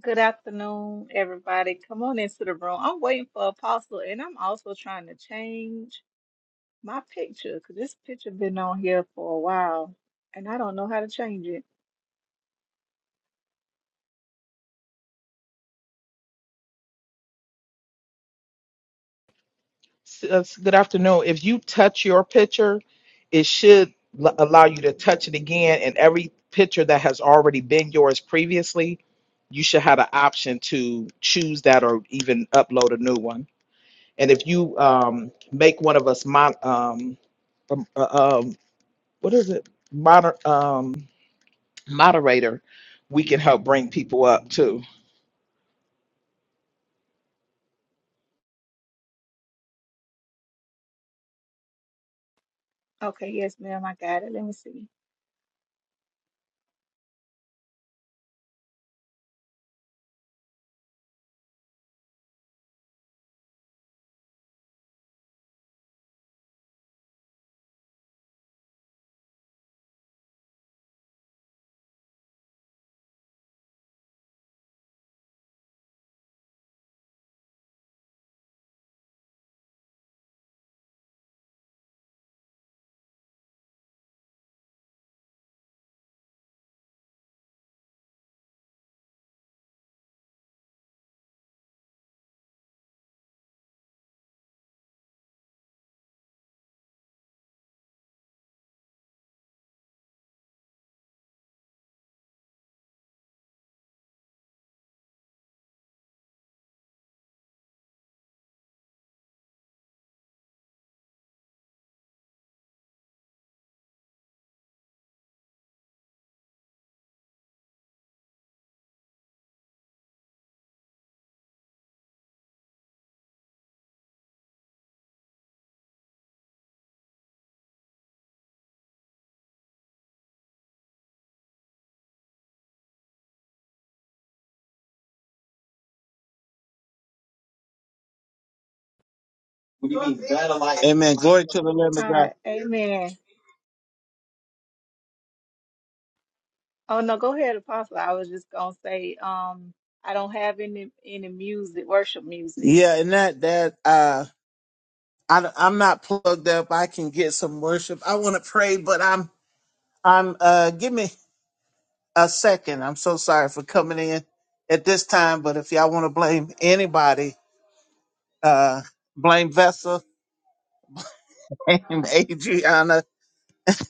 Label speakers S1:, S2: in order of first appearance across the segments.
S1: Good afternoon, everybody. Come on into the room. I'm waiting for Apostle, and I'm also trying to change my picture because this picture been on here for a while, and I don't know how to change it.
S2: S- uh, s- Good afternoon. If you touch your picture, it should l- allow you to touch it again. And every picture that has already been yours previously, you should have an option to choose that or even upload a new one. And if you um, make one of us mon- um, um, uh, um, what is it? Moder- um, moderator, we can help bring people up too.
S1: Okay, yes, ma'am, I got it. Let me see.
S3: What do you mean, battle Amen. Glory to the Lamb of
S1: All
S3: God.
S1: right, amen. Oh no, go ahead, Apostle. I was just gonna say, um, I don't have any any music, worship music.
S3: Yeah, and that that uh, I I'm not plugged up. I can get some worship. I want to pray, but I'm I'm uh, give me a second. I'm so sorry for coming in at this time, but if y'all want to blame anybody, uh, blame Vessel, blame Adriana.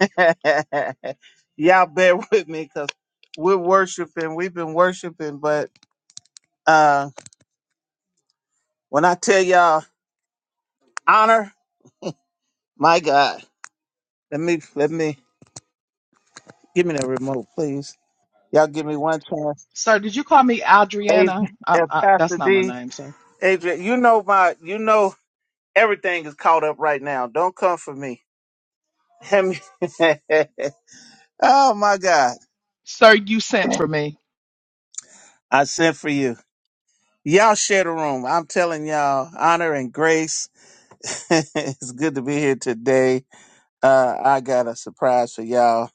S3: y'all bear with me because we're worshiping. We've been worshiping, but uh, when I tell y'all honor, my God, let me let me Give me that remote, please. Y'all give me one chance.
S2: Sir, did you call me Adriana?
S3: Adrian
S2: I,
S3: and
S2: I,
S3: Pastor
S2: that's not my
S3: D.
S2: name, sir.
S3: Adrian, you know my you know everything is caught up right now. Don't come for me. Hem- oh my God.
S2: Sir, you sent for me.
S3: I sent for you. Y'all share the room. I'm telling y'all, honor and grace. it's good to be here today. Uh, I got a surprise for y'all.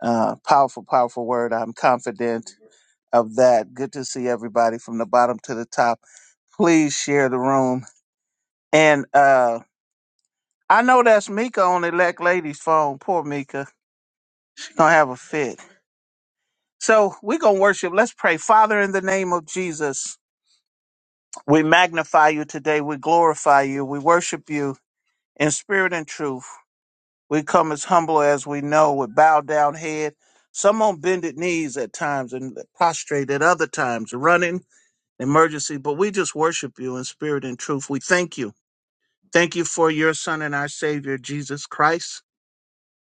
S3: Uh, powerful, powerful word. I'm confident of that. Good to see everybody from the bottom to the top. Please share the room And uh, I know that's Mika on the Elect Lady's phone. Poor Mika. She's going to have a fit. So we're going to worship. Let's pray. Father, in the name of Jesus, we magnify you today. We glorify you. We worship you in spirit and truth. We come as humble as we know with bowed down head, some on bended knees at times and prostrate at other times, running emergency. But we just worship you in spirit and truth. We thank you. Thank you for your son and our savior, Jesus Christ.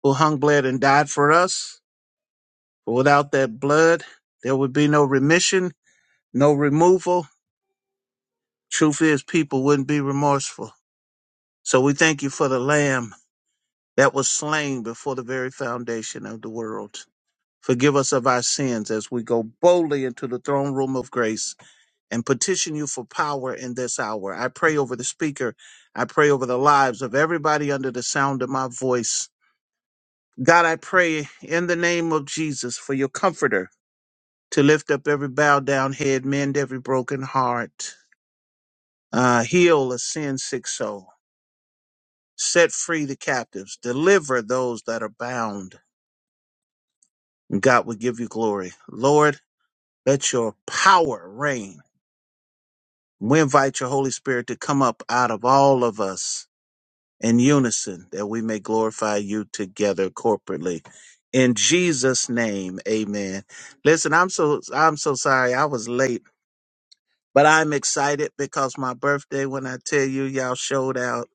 S3: who hung, bled, and died for us. For without that blood, there would be no remission, no removal. Truth is, people wouldn't be remorseful. So we thank you for the Lamb that was slain before the very foundation of the world. Forgive us of our sins as we go boldly into the throne room of grace and petition you for power in this hour. I pray over the speaker. I pray over the lives of everybody under the sound of my voice. God, I pray in the name of Jesus for your comforter to lift up every bowed down head, mend every broken heart, uh, heal a sin sick soul, set free the captives, deliver those that are bound. And God will give you glory. Lord, let your power reign. We invite your Holy Spirit to come up out of all of us in unison that we may glorify you together corporately. In Jesus' name, amen. Listen, I'm so I'm so sorry I was late. but I'm excited because my birthday, when I tell you, y'all showed out.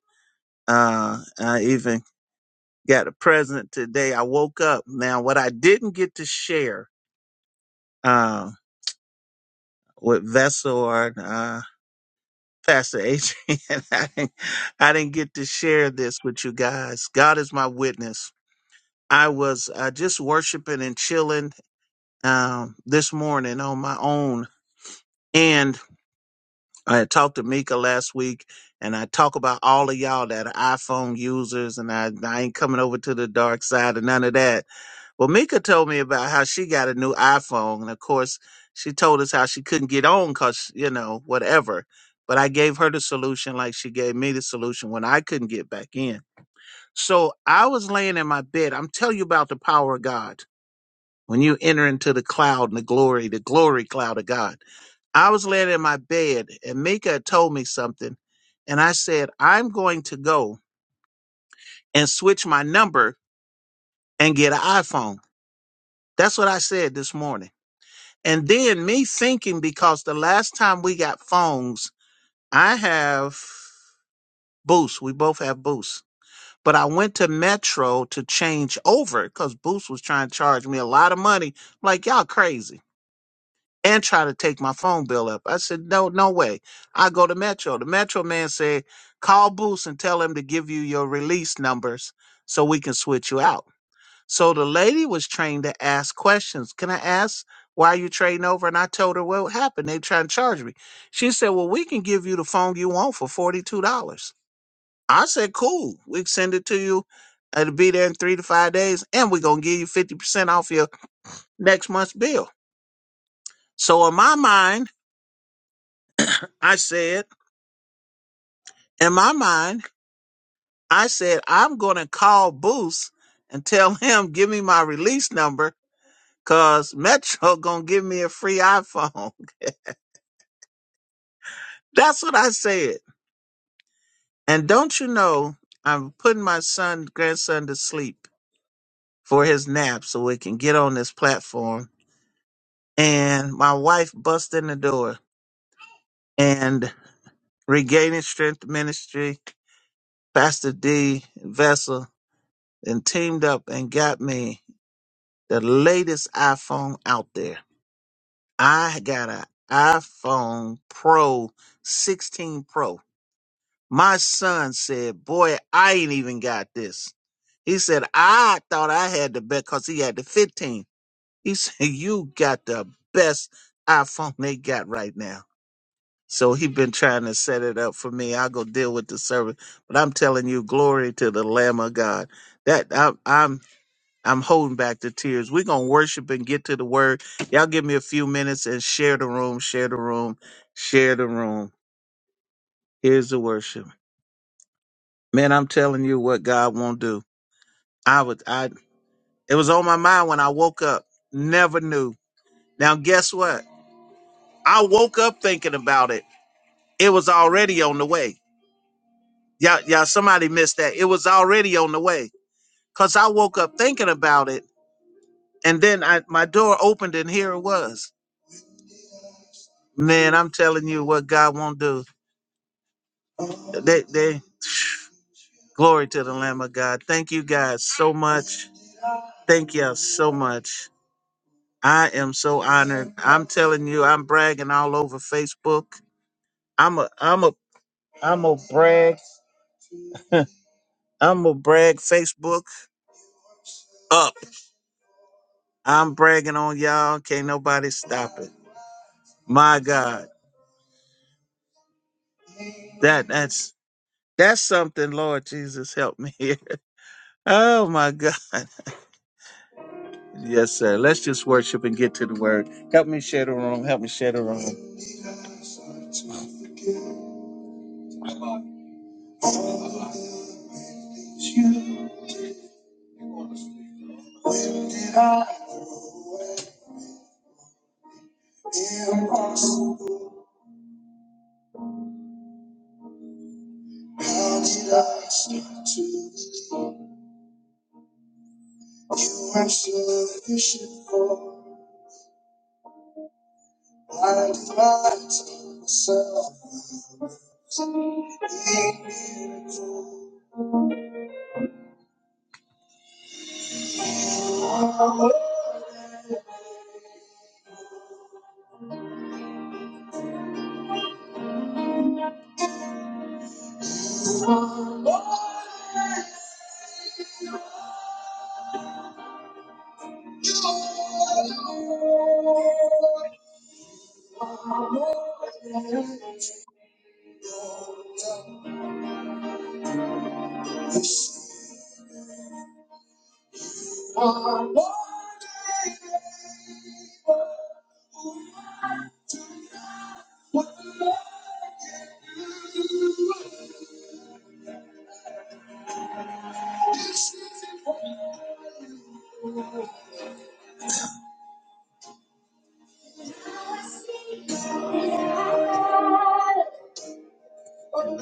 S3: Uh, I even got a present today. I woke up. Now, what I didn't get to share, uh, with Vessel or, uh, Pastor Adrian, I didn't, I didn't get to share this with you guys. God is my witness. I was, uh, just worshiping and chilling, um, this morning on my own. and. I had talked to Mika last week, and I talk about all of y'all that are iPhone users, and I, I ain't coming over to the dark side and none of that. Well, Mika told me about how she got a new iPhone, and of course, she told us how she couldn't get on because, you know, whatever. But I gave her the solution like she gave me the solution when I couldn't get back in. So I was laying in my bed. I'm telling you about the power of God. When you enter into the cloud and the glory, the glory cloud of God. I was laying in my bed and Mika had told me something. And I said, I'm going to go and switch my number and get an iPhone. That's what I said this morning. And then me thinking, because the last time we got phones, I have Boost. We both have Boost. But I went to Metro to change over because Boost was trying to charge me a lot of money. I'm like, y'all crazy. and try to take my phone bill up. I said, no, no way. I go to Metro. The Metro man said, call Boost and tell him to give you your release numbers so we can switch you out. So the lady was trained to ask questions. Can I ask why you trading over? And I told her what happened. They trying to charge me. She said, well, we can give you the phone you want for $42. I said, cool. We can send it to you. It'll be there in three to five days. And we're going to give you 50% off your next month's bill. So in my mind, I said. in my mind, I said, I'm going to call Boost and tell him, give me my release number because Metro going to give me a free iPhone. That's what I said. And don't you know, I'm putting my son, grandson to sleep for his nap so we can get on this platform. And my wife bust in the door and regaining strength ministry, Pastor D, Vessel, and teamed up and got me the latest iPhone out there I got an iPhone Pro 16 Pro. My son said, Boy, I ain't even got this. He said, I thought I had the best because he had the 15. He said, You got the best iPhone they got right now. So he been trying to set it up for me. I'll go deal with the service. But I'm telling you, glory to the Lamb of God. That I'm, I'm holding back the tears. We're going to worship and get to the word. Y'all give me a few minutes and share the room, share the room, share the room. Here's the worship. Man, I'm telling you what God won't do. I was, I, it was on my mind when I woke up. Never knew. Now, guess what? I woke up thinking about it. It was already on the way. Y'all, y'all, somebody missed that. It was already on the way because I woke up thinking about it. And then I, my door opened and here it was. Man, I'm telling you what God won't do. They, they, glory to the Lamb of God. Thank you guys so much. Thank y'all so much. I am so honored. I'm telling you, I'm bragging all over Facebook. I'm a, I'm a, I'm a brag. I'm a brag Facebook up. I'm bragging on y'all. Can't nobody stop it. My God, that that's that's something. Lord Jesus, help me here. Oh my God. Yes, sir. Let's just worship and get to the word. Help me share the room. Help me share the room.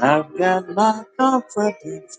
S3: I've got my confidence,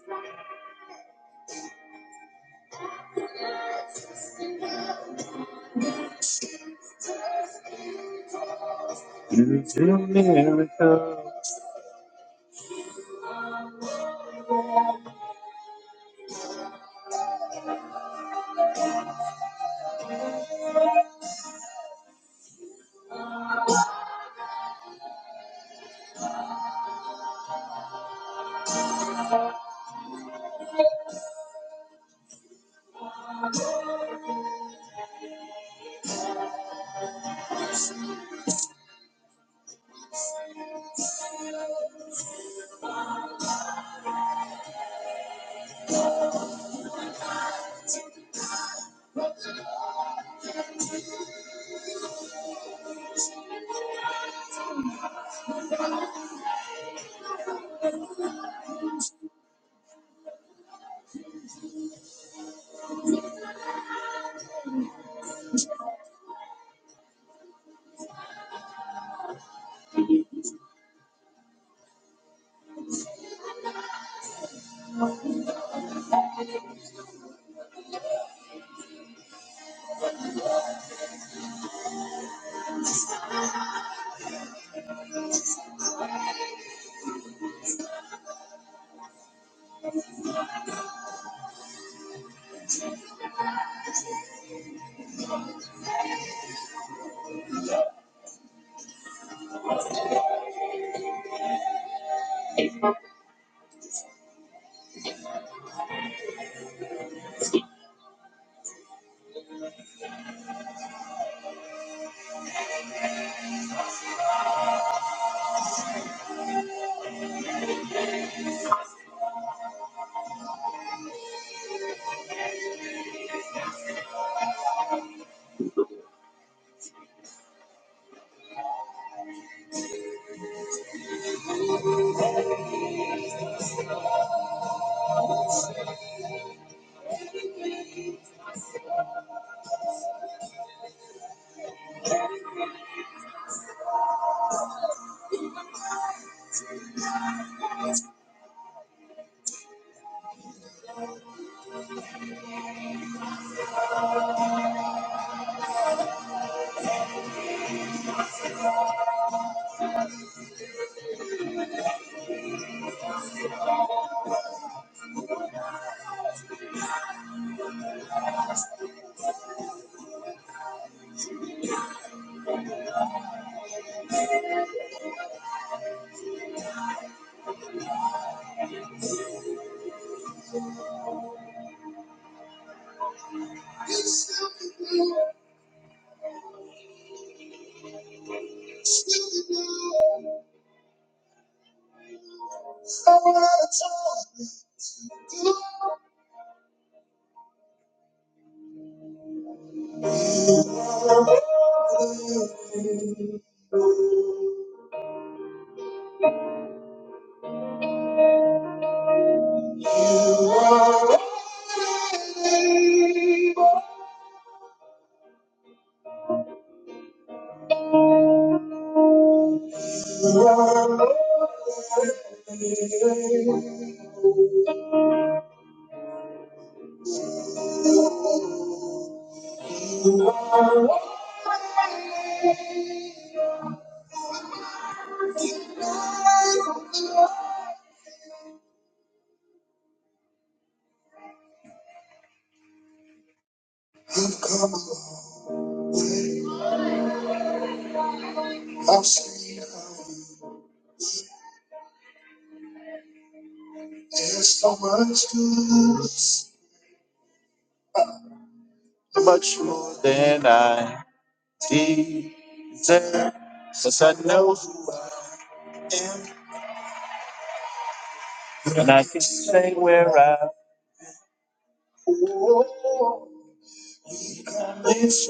S3: and I can say where I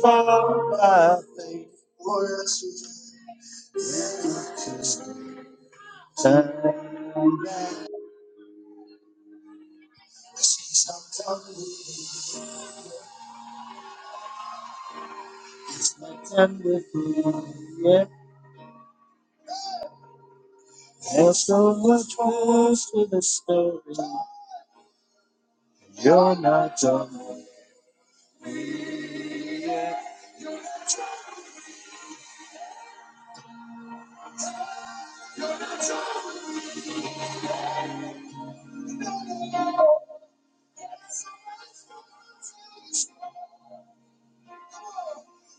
S3: am. And with you, yeah, there's so much more to the story. You're not done,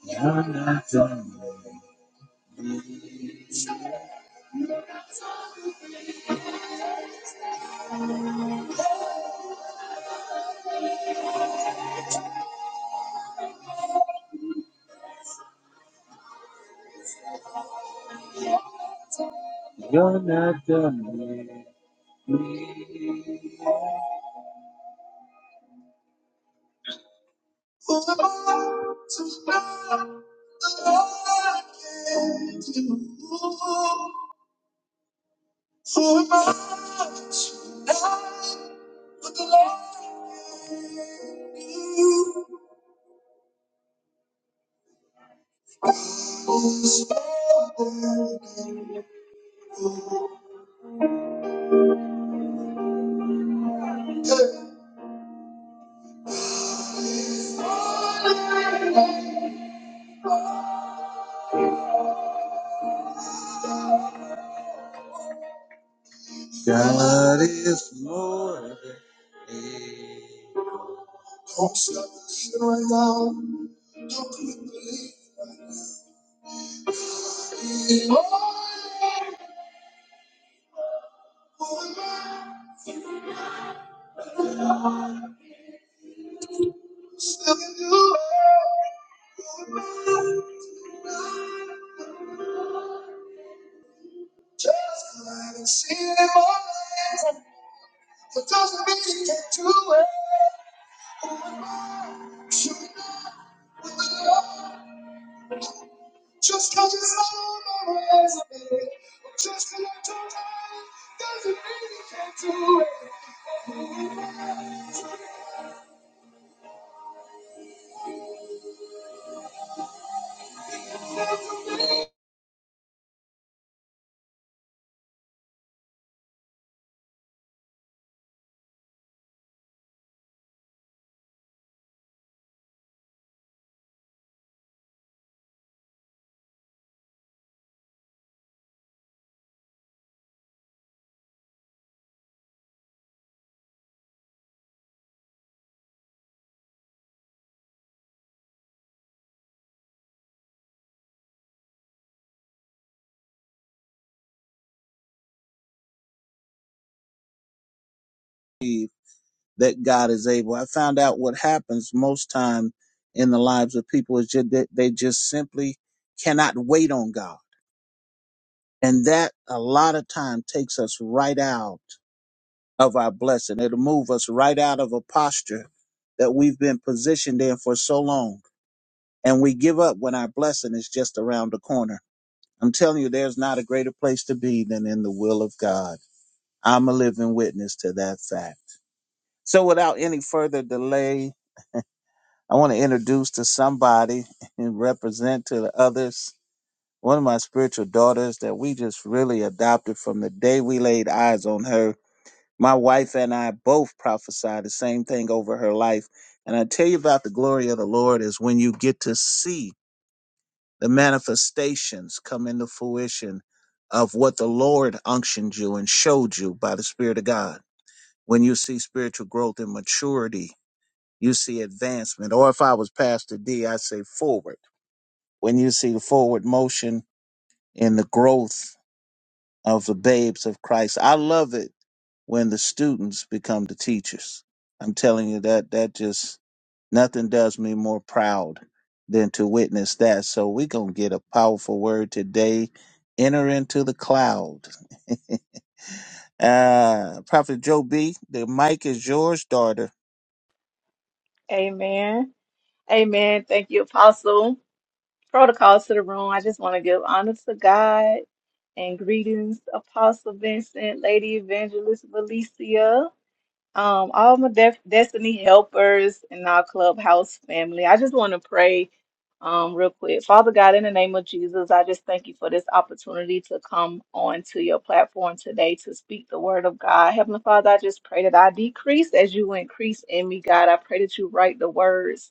S3: you're not done, you're not done with me. God is more than able. that God is able. I found out what happens most time in the lives of people is just that they just simply cannot wait on God. And that a lot of time takes us right out of our blessing. It'll move us right out of a posture that we've been positioned in for so long. And we give up when our blessing is just around the corner. I'm telling you, there's not a greater place to be than in the will of God. I'm a living witness to that fact. So without any further delay, I want to introduce to somebody and represent to the others one of my spiritual daughters that we just really adopted from the day we laid eyes on her. My wife and I both prophesied the same thing over her life. And I tell you about the glory of the Lord is when you get to see the manifestations come into fruition of what the Lord unctioned you and showed you by the Spirit of God. When you see spiritual growth and maturity, you see advancement. Or if I was Pastor D, I say forward when you see the forward motion in the growth of the babes of Christ. I love it when the students become the teachers. I'm telling you that that just nothing does me more proud than to witness that. So we're gonna get a powerful word today. Enter into the cloud. uh Prophet Joe B, the mic is yours, daughter.
S1: Amen. Amen. Thank you, Apostle. protocols to the room. I just want to give honor to God and greetings, Apostle Vincent, Lady Evangelist Valicia, um, all my def- destiny helpers and our clubhouse family. I just want to pray um, real quick. Father God, in the name of Jesus, I just thank you for this opportunity to come on to your platform today to speak the word of God. Heavenly Father, I just pray that I decrease as you increase in me, God. I pray that you write the words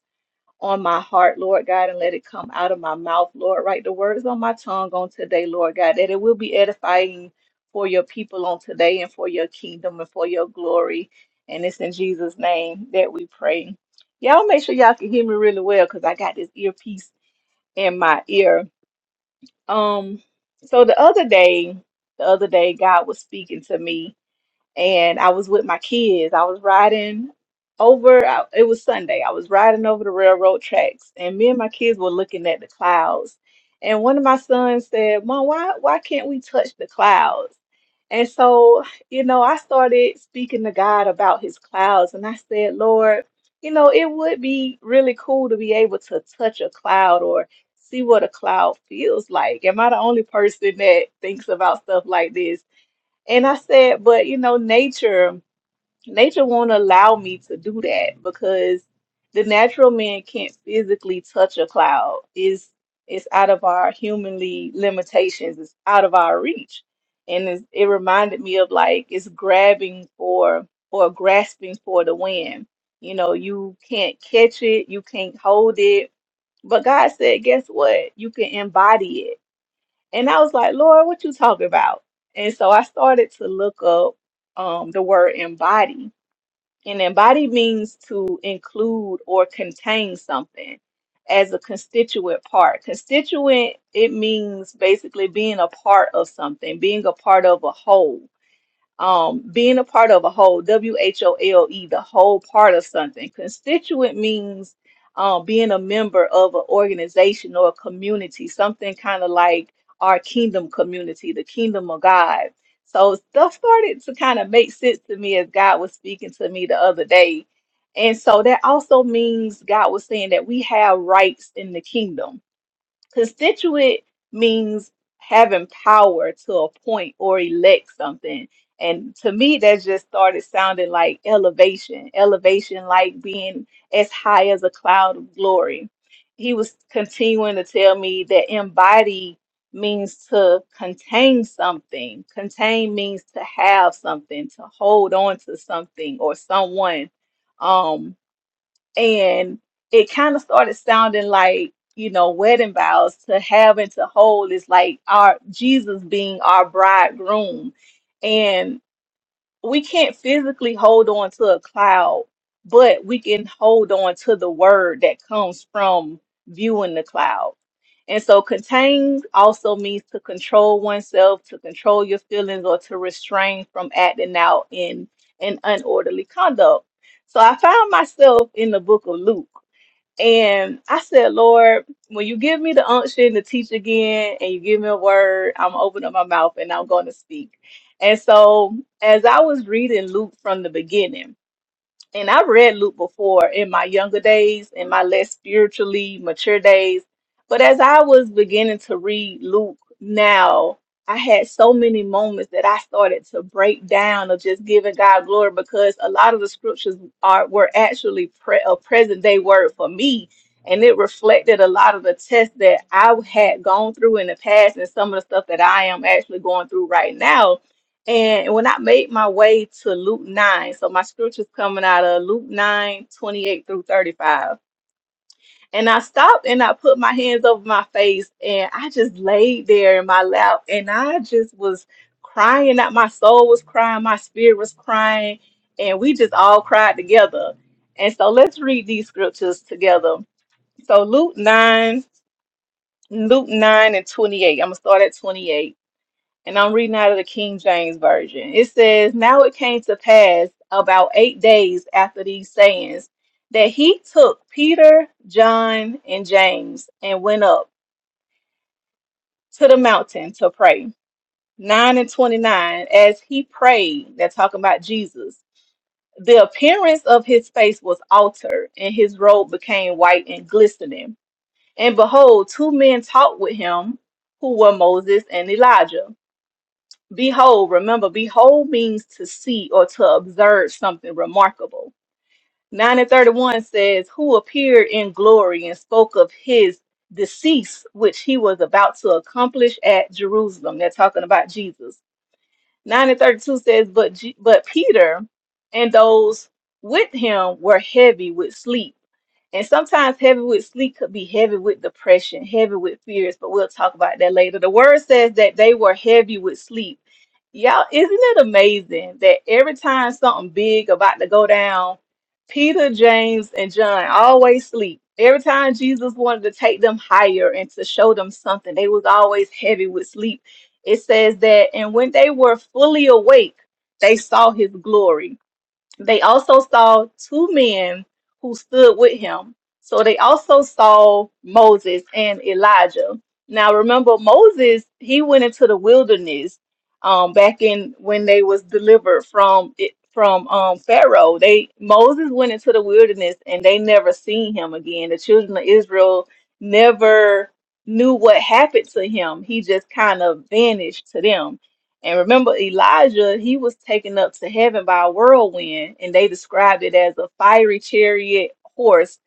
S1: on my heart, Lord God, and let it come out of my mouth, Lord. Write the words on my tongue on today, Lord God, that it will be edifying for your people on today and for your kingdom and for your glory. And it's in Jesus' name that we pray. Y'all make sure y'all can hear me really well because I got this earpiece in my ear. Um, so the other day, the other day, God was speaking to me and I was with my kids. I was riding over, I- it was Sunday. I was riding over the railroad tracks, and me and my kids were looking at the clouds. And one of my sons said, Mom, why, why can't we touch the clouds? And so, you know, I started speaking to God about his clouds, and I said, Lord, you know, it would be really cool to be able to touch a cloud or see what a cloud feels like. Am I the only person that thinks about stuff like this? And I said, but you know, nature, nature won't allow me to do that because the natural man can't physically touch a cloud. It's it's out of our humanly limitations. It's out of our reach. And it's, it reminded me of like it's grabbing for or grasping for the wind. You know, you can't catch it, you can't hold it. But God said, guess what? You can embody it and I was like, Lord, what you talking about? And so I started to look up um, the word embody. And embody means to include or contain something as a constituent part. Constituent, it means basically being a part of something, being a part of a whole um, being a part of a whole, W H O L E, the whole part of something. Constituent means um, being a member of an organization or a community, something kind of like our kingdom community, the kingdom of God. So stuff started to kind of make sense to me as God was speaking to me the other day. And so that also means God was saying that we have rights in the kingdom Constituent means having power to appoint or elect something. And to me, that just started sounding like elevation, elevation like being as high as a cloud of glory. He was continuing to tell me that embody means to contain something. Contain means to have something, to hold on to something or someone. Um, and it kind of started sounding like you know wedding vows to have and to hold is like our Jesus being our bridegroom, and we can't physically hold on to a cloud, but we can hold on to the word that comes from viewing the cloud. And so contained also means to control oneself, to control your feelings, or to restrain from acting out in an unorderly conduct. So I found myself in the book of Luke. And I said, Lord, when you give me the unction to teach again and you give me a word, I'm gonna open up my mouth and I'm going to speak. And so, as I was reading Luke from the beginning, and I read Luke before in my younger days, in my less spiritually mature days. But as I was beginning to read Luke now, I had so many moments that I started to break down of just giving God glory because a lot of the scriptures are were actually pre- a present day word for me. And it reflected a lot of the tests that I had gone through in the past and some of the stuff that I am actually going through right now and when I made my way to Luke 9, so my scripture's coming out of Luke 9 28 through 35. And I stopped and I put my hands over my face and I just laid there in my lap and I just was crying out. My soul was crying, my spirit was crying, and we just all cried together. And so let's read these scriptures together. So Luke 9, Luke 9 and 28. I'm gonna start at 28 and I'm reading out of the King James Version. It says, Now it came to pass about eight days after these sayings that he took Peter, John, and James and went up to the mountain to pray. 9 and 29, as he prayed, they're talking about Jesus. The appearance of his face was altered, and his robe became white and glistening. And behold, two men talked with him, who were Moses and Elijah Behold, remember, behold means to see or to observe something remarkable. 9 and 31 says, Who appeared in glory and spoke of his decease, which he was about to accomplish at Jerusalem. They're talking about Jesus. 9 and 32 says, But, Je- but Peter and those with him were heavy with sleep and sometimes heavy with sleep could be heavy with depression, heavy with fears, but we'll talk about that later. The word says that they were heavy with sleep. Y'all, isn't it amazing that every time something big about to go down, Peter, James, and John always sleep. Every time Jesus wanted to take them higher and to show them something, they was always heavy with sleep. It says that, and when they were fully awake, they saw his glory they also saw two men who stood with him. So they also saw Moses and Elijah. Now remember Moses, he went into the wilderness um back in when they was delivered from it from um Pharaoh. They Moses went into the wilderness and they never seen him again. The children of Israel never knew what happened to him. He just kind of vanished to them. And remember, Elijah, he was taken up to heaven by a whirlwind, and they described it as a fiery chariot horse.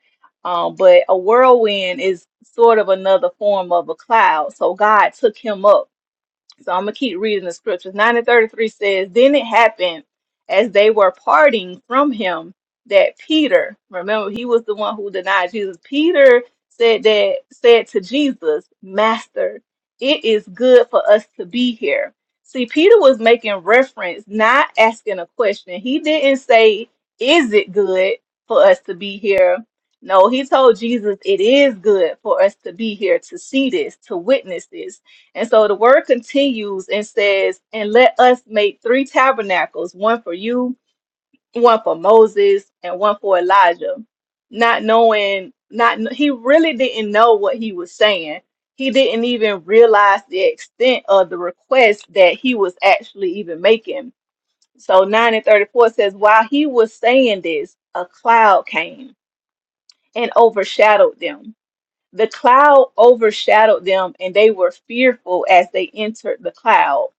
S1: Um, but a whirlwind is sort of another form of a cloud. So God took him up so I'm gonna keep reading the scriptures. Nine and thirty-three says, Then it happened as they were parting from him that Peter, remember he was the one who denied Jesus. Peter said that said to Jesus, Master, it is good for us to be here. See, Peter was making reference, not asking a question. He didn't say, Is it good for us to be here? No, he told Jesus, It is good for us to be here, to see this, to witness this. And so the word continues and says, And let us make three tabernacles one for you, one for Moses, and one for Elijah. Not knowing, not he really didn't know what he was saying. He didn't even realize the extent of the request that he was actually even making. So 9 and 34 says, While he was saying this, a cloud came and overshadowed them the cloud overshadowed them, and they were fearful as they entered the cloud.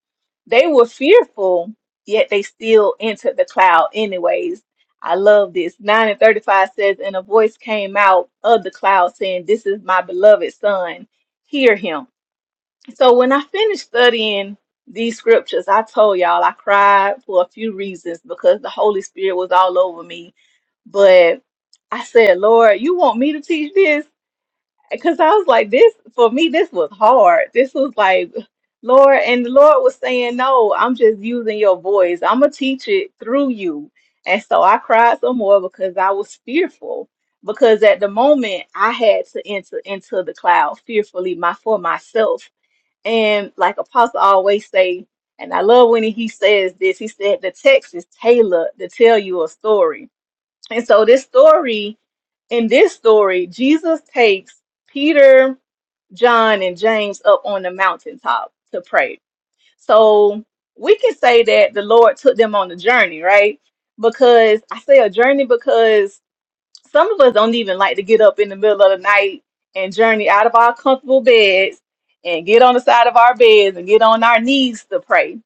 S1: They were fearful, yet they still entered the cloud, anyways. I love this. 9 and 35 says, And a voice came out of the cloud saying, This is my beloved son, hear him. So when I finished studying these scriptures, I told y'all I cried for a few reasons because the Holy Spirit was all over me. But I said, Lord, you want me to teach this? because I was like, this for me, this was hard. This was like, Lord, and the Lord was saying, No, I'm just using your voice. I'm gonna teach it through you. And so I cried some more because I was fearful. Because at the moment I had to enter into the cloud fearfully my for myself. And like Apostle always say, and I love when he says this, he said the text is tailored to tell you a story. And so this story, in this story, Jesus takes Peter, John, and James up on the mountaintop to pray. So we can say that the Lord took them on a journey, right? Because I say a journey because some of us don't even like to get up in the middle of the night and journey out of our comfortable beds and get on the side of our beds and get on our knees to pray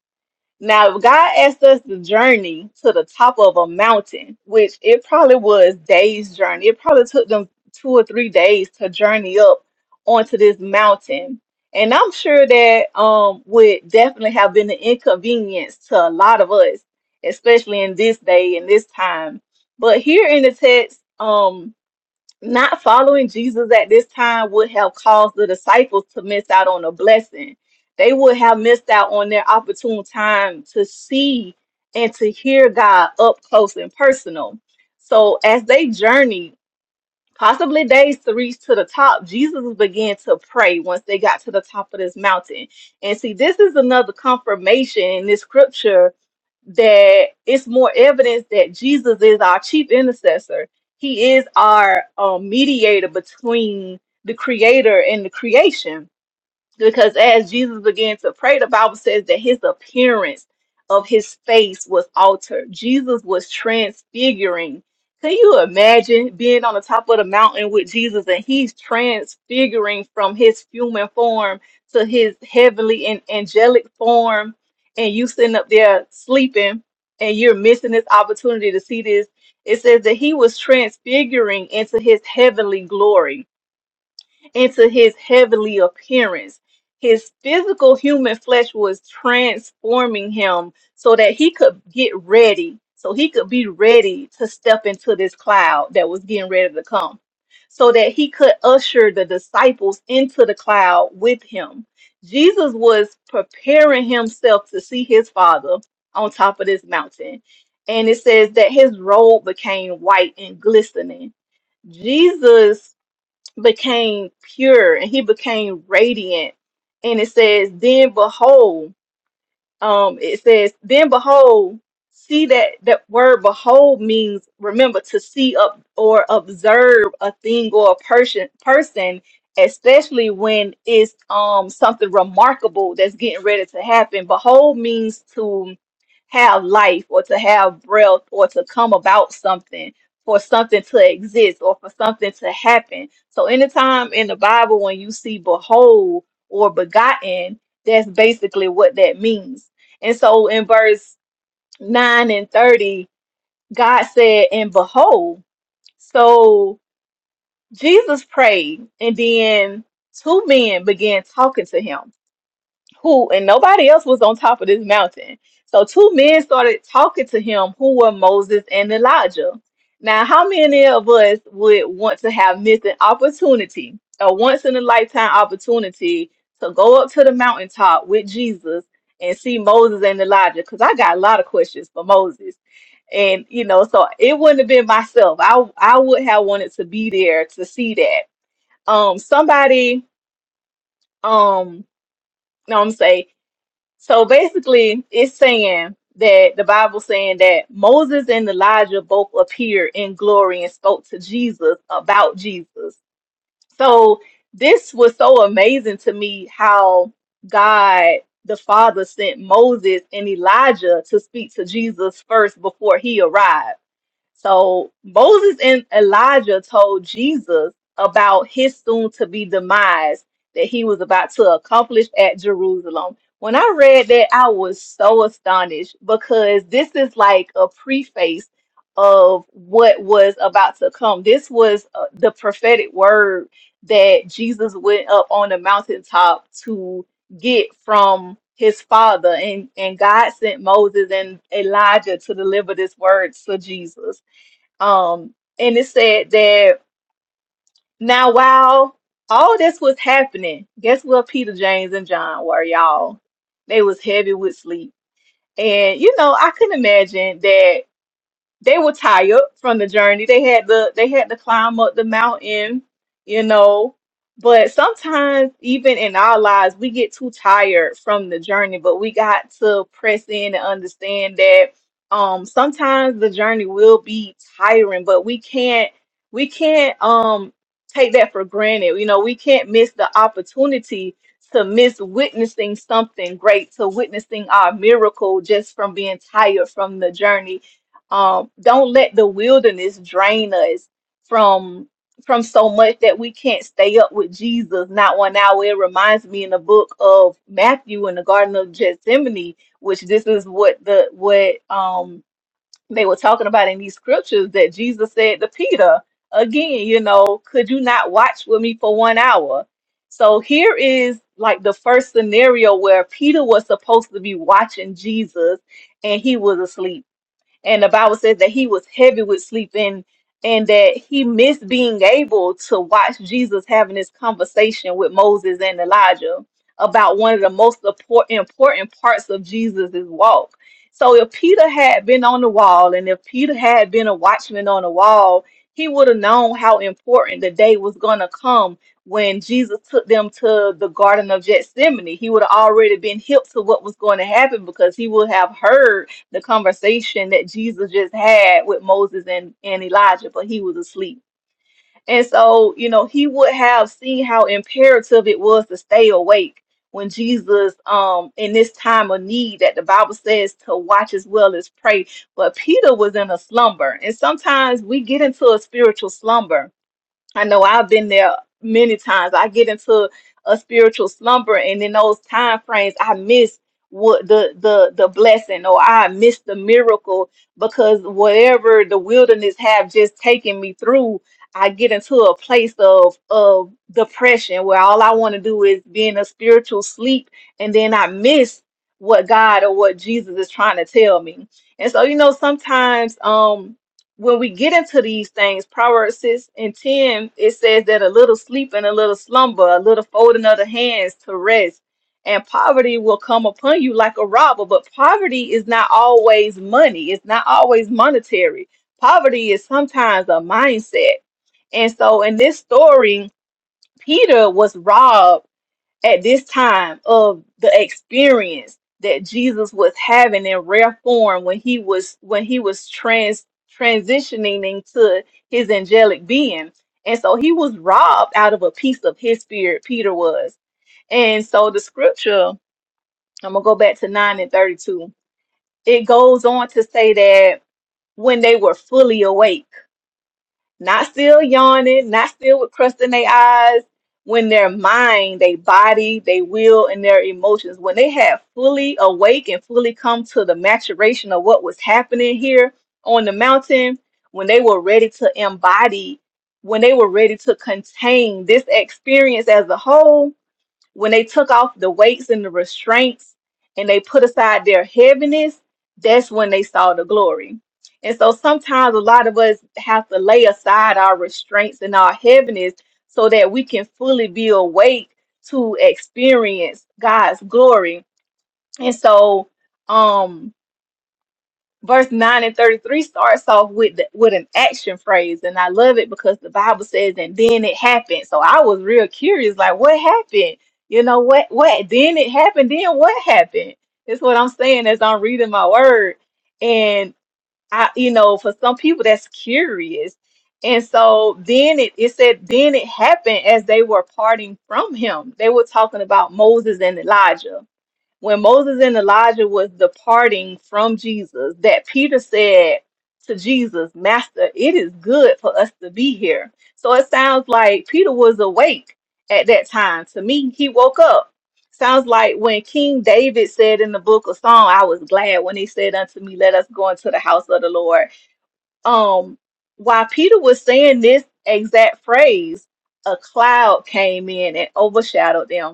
S1: now, if God asked us the journey to the top of a mountain, which it probably was days journey. It probably took them two or three days to journey up onto this mountain. And I'm sure that um would definitely have been an inconvenience to a lot of us, especially in this day and this time. But here in the text, um. Not following Jesus at this time would have caused the disciples to miss out on a blessing. They would have missed out on their opportune time to see and to hear God up close and personal. So as they journeyed, possibly days to reach to the top, Jesus began to pray once they got to the top of this mountain. And see, this is another confirmation in this scripture that it's more evidence that Jesus is our chief intercessor. He is our um, mediator between the creator and the creation because as Jesus began to pray, the Bible says that his appearance of his face was altered. Jesus was transfiguring. Can you imagine being on the top of the mountain with Jesus and he's transfiguring from his human form to his heavenly and angelic form, and you sitting up there sleeping and you're missing this opportunity to see this? It says that he was transfiguring into his heavenly glory into his heavenly appearance. His physical human flesh was transforming him so that he could get ready, so he could be ready to step into this cloud that was getting ready to come, so that he could usher the disciples into the cloud with him. Jesus was preparing himself to see his father on top of this mountain. And it says that his robe became white and glistening. Jesus became pure and he became radiant. And it says, Then behold, um it says then behold see that that word behold means remember to see up or observe a thing or a person person especially when it's um something remarkable that's getting ready to happen behold means to have life or to have breath or to come about something for something to exist or for something to happen so anytime in the bible when you see behold or begotten that's basically what that means and so in verse 9 and 30, God said, And behold, so Jesus prayed, and then two men began talking to him who and nobody else was on top of this mountain. So two men started talking to him who were Moses and Elijah. Now, how many of us would want to have missed an opportunity, a once in a lifetime opportunity to go up to the mountaintop with Jesus and see Moses and Elijah? Because I got a lot of questions for Moses. And you know, so it wouldn't have been myself. I I would have wanted to be there to see that. Um somebody um no, I'm saying so basically, it's saying that the Bible saying that Moses and Elijah both appeared in glory and spoke to Jesus about Jesus. So this was so amazing to me how God the Father sent Moses and Elijah to speak to Jesus first before he arrived. So Moses and Elijah told Jesus about his soon to be demise that he was about to accomplish at Jerusalem. When I read that, I was so astonished because this is like a preface of what was about to come. This was uh, the prophetic word that Jesus went up on the mountaintop to get from his father and and God sent Moses and Elijah to deliver this word to Jesus. Um, and it said that now while all this was happening, guess what Peter, James, and John were, y'all? They was heavy with sleep. And you know, I couldn't imagine that they were tired from the journey. They had the they had to climb up the mountain, you know. But sometimes even in our lives, we get too tired from the journey, but we got to press in and understand that um sometimes the journey will be tiring, but we can't we can't um take that for granted. You know, we can't miss the opportunity to miss witnessing something great, to witnessing our miracle just from being tired from the journey um, don't let the wilderness drain us from from so much that we can't stay up with Jesus not one hour. It reminds me in the book of Matthew in the Garden of Gethsemane, which this is what the what um they were talking about in these scriptures that Jesus said to Peter again, you know, could you not watch with me for one hour? So here is like the first scenario where Peter was supposed to be watching Jesus and he was asleep and the Bible says that he was heavy with sleep and and that he missed being able to watch Jesus having this conversation with Moses and Elijah about one of the most impor- important parts of Jesus's walk. So if Peter had been on the wall and if Peter had been a watchman on the wall, he would have known how important the day was going to come when Jesus took them to the Garden of Gethsemane. He would have already been hip to what was going to happen because he would have heard the conversation that Jesus just had with Moses and, and Elijah, but he was asleep. And so, you know, he would have seen how imperative it was to stay awake when Jesus, um, in this time of need that the Bible says to watch as well as pray. But Peter was in a slumber. And sometimes we get into a spiritual slumber I know I've been there many times. I get into a spiritual slumber, and in those time frames, I miss what the the the blessing, or I miss the miracle because whatever the wilderness have just taken me through, I get into a place of of depression where all I want to do is be in a spiritual sleep, and then I miss what God or what Jesus is trying to tell me. And so, you know, sometimes, um when we get into these things, Proverbs 6 and 10, it says that a little sleep and a little slumber, a little folding of the hands to rest, and poverty will come upon you like a robber. But poverty is not always money, it's not always monetary. Poverty is sometimes a mindset. And so in this story, Peter was robbed at this time of the experience that Jesus was having in rare form when he was when he was trans transitioning into his angelic being. And so he was robbed out of a piece of his spirit, Peter was. And so the scripture, I'm gonna go back to 9 and 32. It goes on to say that when they were fully awake not still yawning, not still with crust in their eyes, when their mind, their body, their will, and their emotions, when they had fully awake and fully come to the maturation of what was happening here on the mountain, when they were ready to embody, when they were ready to contain this experience as a whole, when they took off the weights and the restraints and they put aside their heaviness, that's when they saw the glory. And so sometimes a lot of us have to lay aside our restraints and our heaviness so that we can fully be awake to experience God's glory. And so um verse 9 and 33 starts off with the, with an action phrase and i love it because the bible says and then it happened so i was real curious like what happened you know what what then it happened then what happened that's what i'm saying as i'm reading my word and i you know for some people that's curious and so then it, it said then it happened as they were parting from him they were talking about moses and elijah when Moses and Elijah was departing from Jesus, that Peter said to Jesus, Master, it is good for us to be here. So it sounds like Peter was awake at that time. To me, he woke up. Sounds like when King David said in the book of Psalm, I was glad when he said unto me, Let us go into the house of the Lord. Um, while Peter was saying this exact phrase, a cloud came in and overshadowed them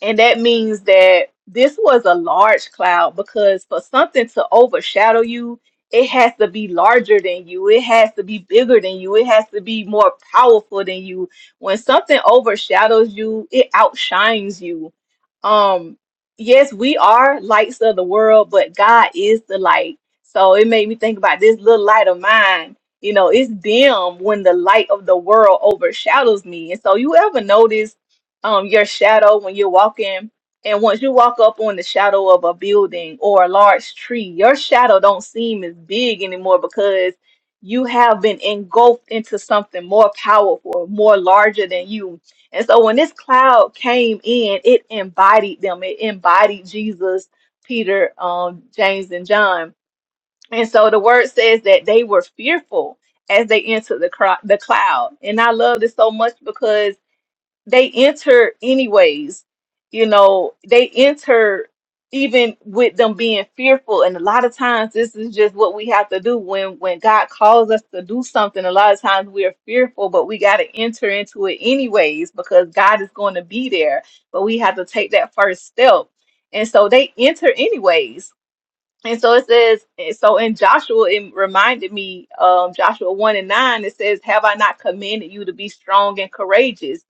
S1: and that means that this was a large cloud because for something to overshadow you, it has to be larger than you. It has to be bigger than you. It has to be more powerful than you. When something overshadows you, it outshines you. Um, yes, we are lights of the world, but God is the light. So it made me think about this little light of mine. You know, it's dim when the light of the world overshadows me. And so you ever notice um your shadow when you're walking and once you walk up on the shadow of a building or a large tree your shadow don't seem as big anymore because you have been engulfed into something more powerful more larger than you and so when this cloud came in it embodied them it embodied jesus peter um james and john and so the word says that they were fearful as they entered the, cro- the cloud and i love this so much because they enter anyways you know they enter even with them being fearful and a lot of times this is just what we have to do when when god calls us to do something a lot of times we are fearful but we got to enter into it anyways because god is going to be there but we have to take that first step and so they enter anyways and so it says, and so in Joshua, it reminded me, um, Joshua 1 and 9, it says, Have I not commanded you to be strong and courageous,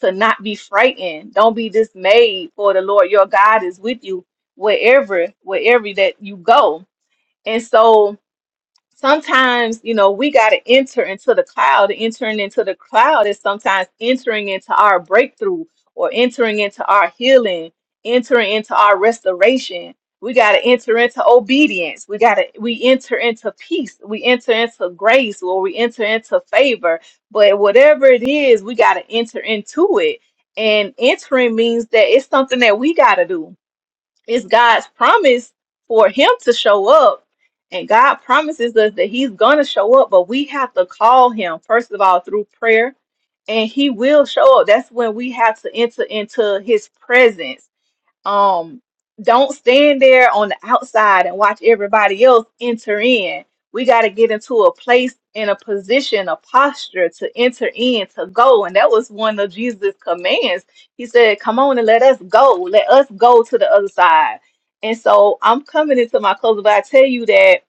S1: to not be frightened? Don't be dismayed, for the Lord your God is with you wherever, wherever that you go. And so sometimes you know we got to enter into the cloud entering into the cloud is sometimes entering into our breakthrough or entering into our healing entering into our restoration we got to enter into obedience we got to we enter into peace we enter into grace or we enter into favor but whatever it is we got to enter into it and entering means that it's something that we got to do it's God's promise for him to show up. And God promises us that he's going to show up, but we have to call him, first of all, through prayer, and he will show up. That's when we have to enter into his presence um don't stand there on the outside and watch everybody else enter in we got to get into a place in a position a posture to enter in to go and that was one of jesus commands he said come on and let us go let us go to the other side and so i'm coming into my closet but i tell you that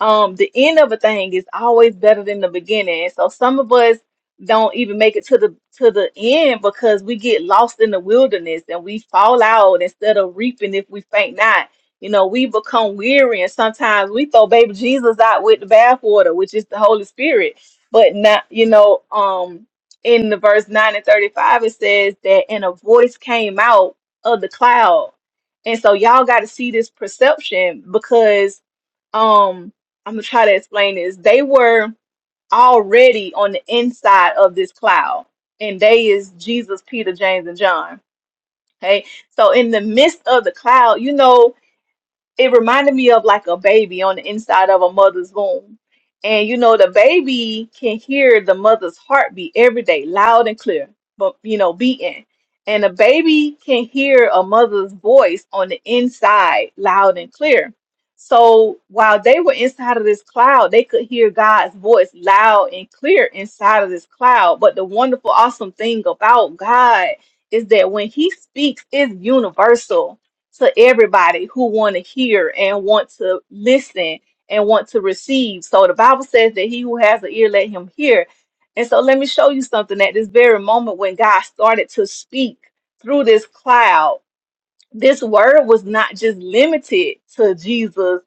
S1: um the end of a thing is always better than the beginning And so some of us don't even make it to the to the end because we get lost in the wilderness and we fall out instead of reaping if we faint not. You know, we become weary and sometimes we throw baby Jesus out with the bathwater, which is the Holy Spirit. But not you know, um in the verse 9 and 35 it says that and a voice came out of the cloud. And so y'all gotta see this perception because um I'm gonna try to explain this. They were already on the inside of this cloud. And they is Jesus, Peter, James, and John. Okay. So in the midst of the cloud, you know, it reminded me of like a baby on the inside of a mother's womb. And you know, the baby can hear the mother's heartbeat every day, loud and clear, but you know, beating. And the baby can hear a mother's voice on the inside, loud and clear. So while they were inside of this cloud, they could hear God's voice loud and clear inside of this cloud. But the wonderful, awesome thing about God is that when He speaks, it's universal to everybody who want to hear and want to listen and want to receive. So the Bible says that he who has an ear, let him hear. And so let me show you something at this very moment when God started to speak through this cloud, this word was not just limited to Jesus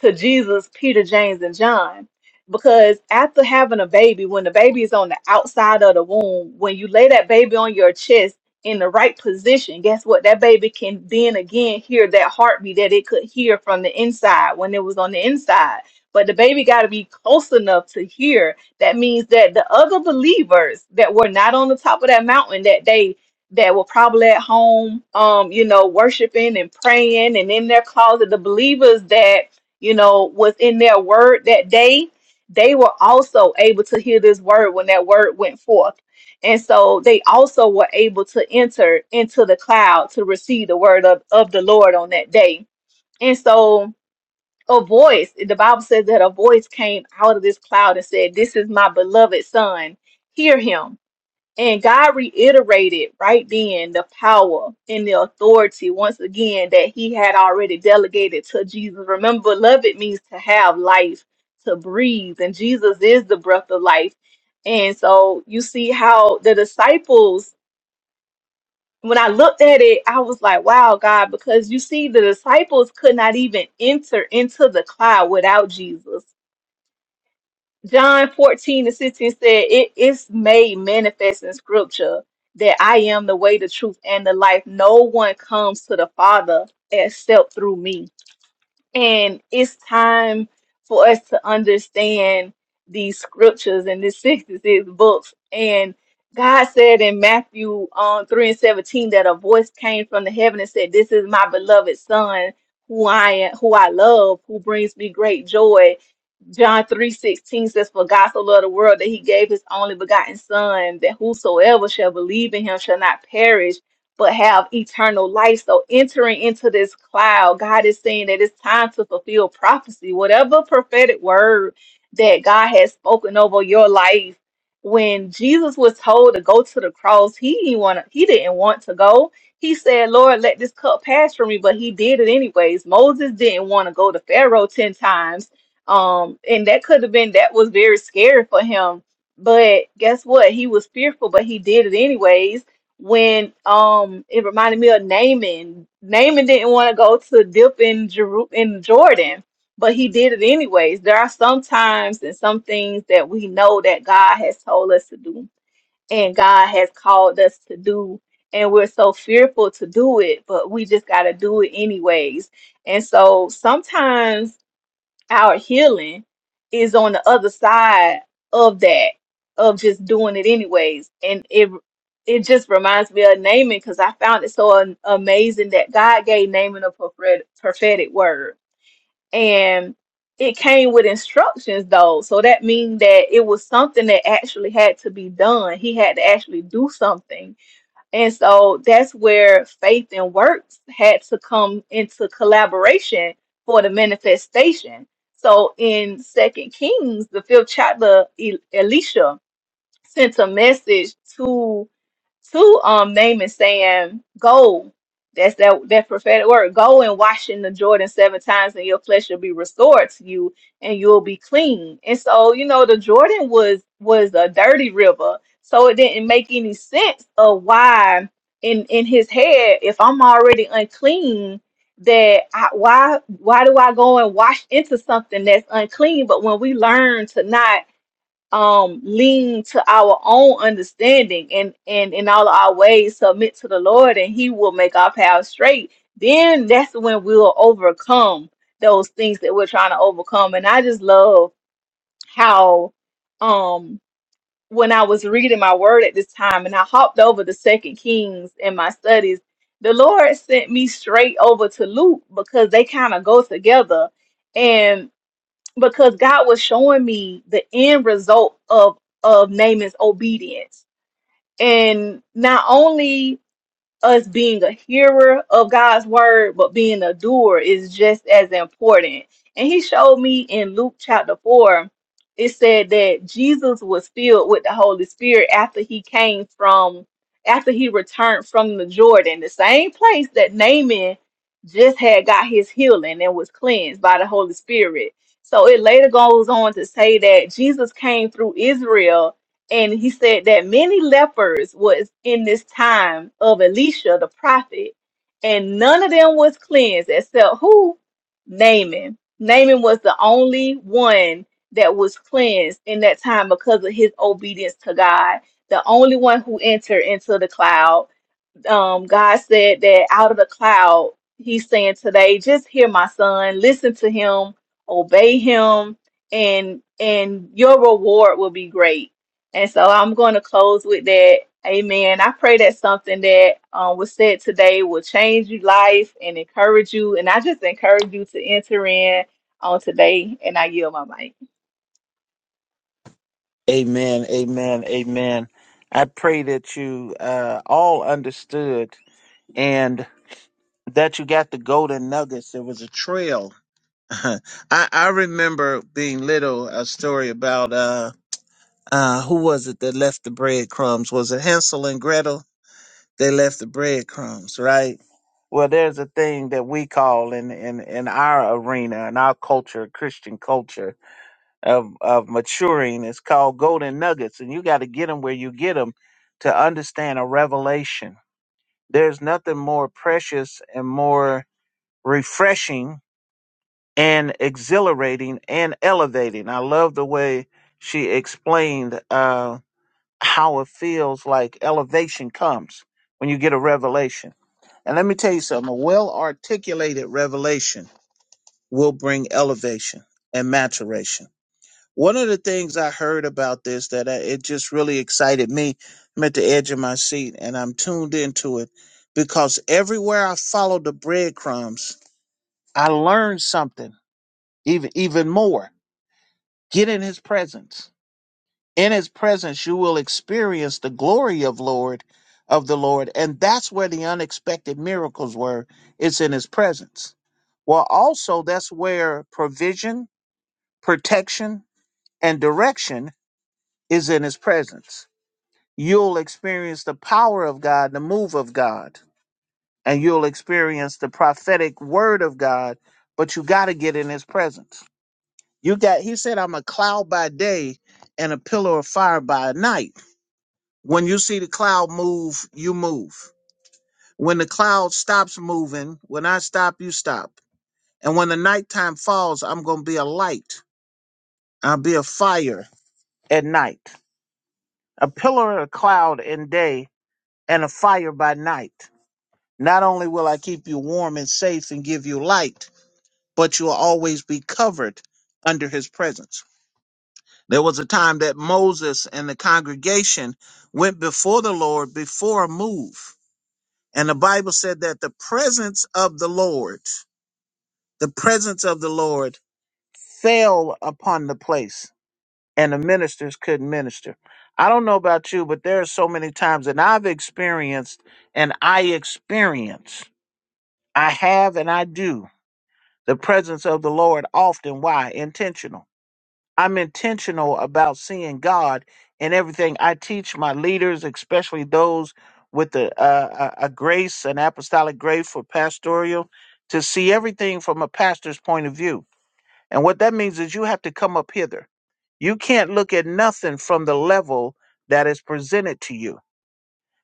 S1: to Jesus, Peter, James, and John. Because after having a baby, when the baby is on the outside of the womb, when you lay that baby on your chest in the right position, guess what? That baby can then again hear that heartbeat that it could hear from the inside when it was on the inside. But the baby got to be close enough to hear. That means that the other believers that were not on the top of that mountain that day that were probably at home, um, you know, worshiping and praying and in their closet, the believers that you know, was in their word that day, they were also able to hear this word when that word went forth. And so they also were able to enter into the cloud to receive the word of, of the Lord on that day. And so a voice, the Bible says that a voice came out of this cloud and said, This is my beloved son, hear him. And God reiterated right then the power and the authority once again that he had already delegated to Jesus. Remember, beloved means to have life, to breathe, and Jesus is the breath of life. And so you see how the disciples, when I looked at it, I was like, wow, God, because you see, the disciples could not even enter into the cloud without Jesus John 14 and 16 said, It is made manifest in scripture that I am the way, the truth, and the life. No one comes to the Father except through me. And it's time for us to understand these scriptures and these 66 books. And God said in Matthew um, 3 and 17 that a voice came from the heaven and said, This is my beloved Son, who I am, who I love, who brings me great joy John three sixteen says, For God so loved the world that he gave his only begotten Son, that whosoever shall believe in him shall not perish, but have eternal life. So, entering into this cloud, God is saying that it's time to fulfill prophecy. Whatever prophetic word that God has spoken over your life, when Jesus was told to go to the cross, he didn't want to, he didn't want to go. He said, Lord, let this cup pass from me, but he did it anyways. Moses didn't want to go to Pharaoh 10 times. Um, and that could have been that was very scary for him. But guess what? He was fearful, but he did it anyways. When um, it reminded me of Naaman. Naaman didn't want to go to dip in Jeru in Jordan, but he did it anyways. There are some times and some things that we know that God has told us to do, and God has called us to do, and we're so fearful to do it, but we just got to do it anyways. And so sometimes our healing is on the other side of that of just doing it anyways and it it just reminds me of Naaman because I found it so an- amazing that God gave Naaman a prophet- prophetic word and it came with instructions though so that means that it was something that actually had to be done he had to actually do something and so that's where faith and works had to come into collaboration for the manifestation. So in Second Kings, the fifth chapter, E- Elisha sent a message to to um Naaman saying, "Go." That's that that prophetic word. Go and wash in the Jordan seven times, and your flesh will be restored to you, and you'll be clean. And so, you know, the Jordan was was a dirty river, so it didn't make any sense of why in in his head, if I'm already unclean, that I, why why do I go and wash into something that's unclean? But when we learn to not um lean to our own understanding and and in all of our ways submit to the Lord and he will make our path straight then that's when we'll overcome those things that we're trying to overcome and I just love how um when I was reading my word at this time and I hopped over the second Kings in my studies the Lord sent me straight over to Luke because they kind of go together because God was showing me the end result of of Naaman's obedience. And not only us being a hearer of God's word, but being a doer is just as important. And he showed me in Luke chapter 4, it said that Jesus was filled with the Holy Spirit after he came from, after he returned from the Jordan, the same place that Naaman just had got his healing and was cleansed by the Holy Spirit. So it later goes on to say that Jesus came through Israel and he said that many lepers was in this time of Elisha the prophet, and none of them was cleansed except who? Naaman. Naaman was the only one that was cleansed in that time because of his obedience to God, the only one who entered into the cloud um, God said that out of the cloud, He's saying today, just hear my son, listen to him, obey him, and and your reward will be great. And so I'm going to close with that. Amen. I pray that something that um, was said today will change your life and encourage you. And I just encourage you to enter in on today. And I yield my mic.
S3: Amen, amen, amen. I pray that you uh all understood and. that you got the golden nuggets. There was a trail. I, I remember being little a story about uh uh who was it that left the breadcrumbs? Was it Hansel and Gretel? They left the breadcrumbs, right? Well, there's a thing that we call in in in our arena, in our culture, Christian culture of of maturing. It's called golden nuggets, and you got to get them where you get them to understand a revelation. There's nothing more precious and more refreshing and exhilarating and elevating. I love the way she explained uh, how it feels like elevation comes when you get a revelation. And let me tell you something a well articulated revelation will bring elevation and maturation. One of the things I heard about this that I, it just really excited me. I'm at the edge of my seat and I'm tuned into it because everywhere I follow the breadcrumbs, I learn something even even more Get in his presence. In his presence you will experience the glory of Lord of the Lord. And that's where the unexpected miracles were. It's in his presence. Well, also that's where provision, protection, and direction is in his presence. You'll experience the power of God, the move of God, and you'll experience the prophetic word of God, but you got to get in his presence. You got, he said, I'm a cloud by day and a pillar of fire by night. When you see the cloud move, you move. When the cloud stops moving, when I stop, you stop. And when the nighttime falls, I'm going to be a light. I'll be a fire at night, a pillar of cloud in day and a fire by night. Not only will I keep you warm and safe and give you light, but you'll always be covered under his presence. There was a time that Moses and the congregation went before the Lord before a move. And the Bible said that the presence of the Lord, the presence of the Lord fell upon the place and the ministers couldn't minister. I don't know about you, but there are so many times that I've experienced and I experience, I have and I do the presence of the Lord often. Why? Intentional I'm intentional about seeing God in everything I teach my leaders, especially those with the, uh, a, a grace, an apostolic grace for pastoral, to see everything from a pastor's point of view. And what that means is you have to come up hither. You can't look at nothing from the level that is presented to you.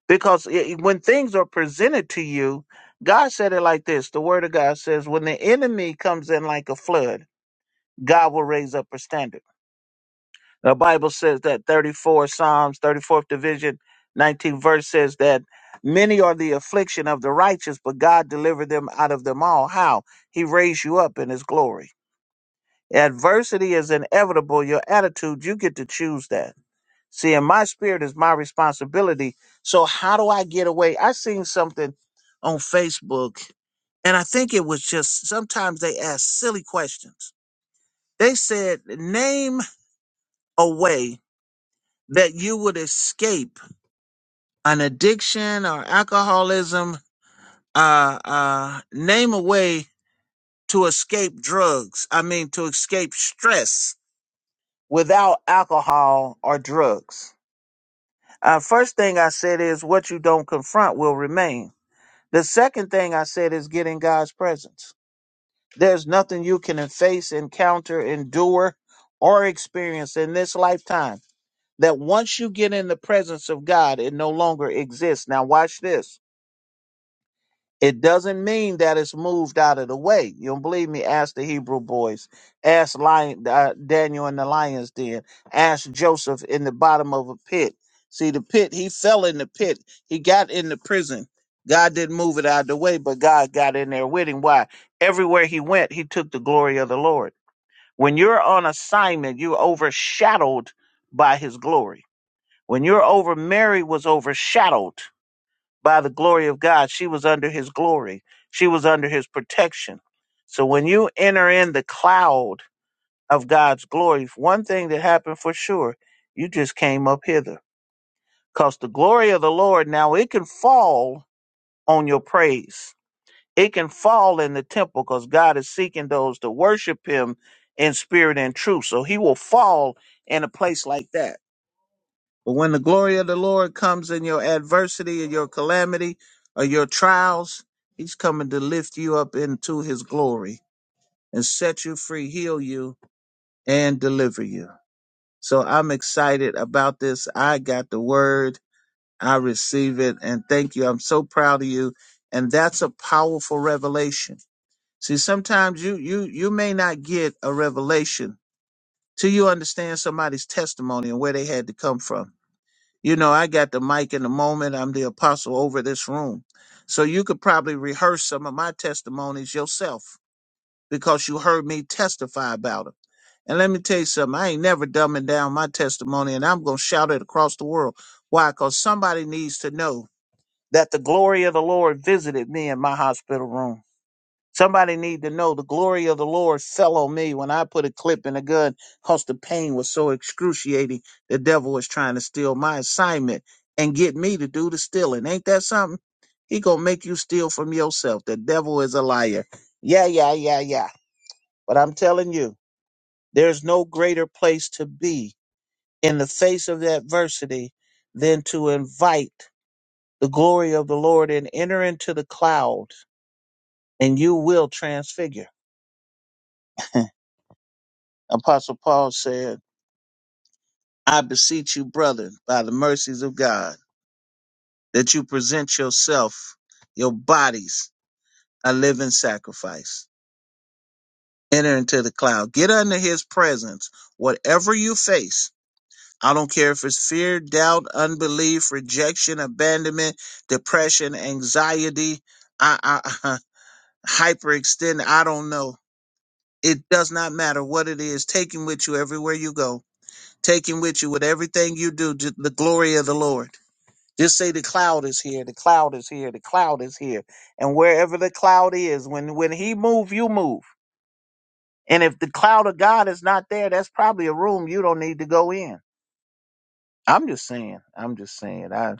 S3: Because i when things are presented to you, God said it like this the Word of God says, when the enemy comes in like a flood, God will raise up a standard. The Bible says that 34 Psalms, 34th division, 19th verse says that many are the affliction of the righteous, but God delivered them out of them all. How? He raised you up in his glory. Adversity is inevitable. Your attitude, you get to choose that. See, in my spirit is my responsibility. So how do I get away? I seen something on Facebook and I think it was just sometimes they ask silly questions. They said, name away." that you would escape an addiction or alcoholism, uh, uh, name a way to escape drugs. I mean, to escape stress without alcohol or drugs. Uh, first thing I said is what you don't confront will remain. The second thing I said is get in God's presence. There's nothing you can face, encounter, endure, or experience in this lifetime that once you get in the presence of God, it no longer exists. Now, watch this It doesn't mean that it's moved out of the way. You don't believe me? Ask the Hebrew boys. Ask Lion, uh, Daniel in the lion's den. Ask Joseph in the bottom of a pit. See, the pit, he fell in the pit. He got in the prison. God didn't move it out of the way, but God got in there with him. Why? Everywhere he went, he took the glory of the Lord. When you're on assignment, you're overshadowed by his glory. When you're over, Mary was overshadowed by the glory of God. She was under his glory, she was under his protection. So when you enter in the cloud of God's glory, one thing that happened for sure, you just came up hither. Because the glory of the Lord now it can fall on your praise. It can fall in the temple because God is seeking those to worship him in spirit and truth. So he will fall in a place like that. But when the glory of the Lord comes in your adversity and your calamity or your trials, he's coming to lift you up into his glory and set you free, heal you, and deliver you. So I'm excited about this. I got the word. I receive it and thank you. I'm so proud of you. And that's a powerful revelation. See, sometimes you you you may not get a revelation till you understand somebody's testimony and where they had to come from You know, I got the mic in the moment. I'm the apostle over this room. So you could probably rehearse some of my testimonies yourself because you heard me testify about it. And let me tell you something, I ain't never dumbing down my testimony and I'm going to shout it across the world. Why? Because somebody needs to know that the glory of the Lord visited me in my hospital room. Somebody need to know the glory of the Lord fell on me when I put a clip in a gun because the pain was so excruciating. The devil was trying to steal my assignment and get me to do the stealing. Ain't that something? He gonna make you steal from yourself. The devil is a liar. Yeah, yeah, yeah, yeah. But I'm telling you, there's no greater place to be in the face of adversity than to invite the glory of the Lord and enter into the cloud and you will transfigure. Apostle Paul said, I beseech you, brother, by the mercies of God, that you present yourself, your bodies, a living sacrifice. Enter into the cloud. Get under his presence. Whatever you face, I don't care if it's fear, doubt, unbelief, rejection, abandonment, depression, anxiety, I, I, hyperextend, I don't know. It does not matter what it is. Take him with you everywhere you go. Take him with you with everything you do, to the glory of the Lord. Just say the cloud is here, the cloud is here, the cloud is here. And wherever the cloud is, when when he move, you move. And if the cloud of God is not there, that's probably a room you don't need to go in. I'm just saying. I'm just saying. I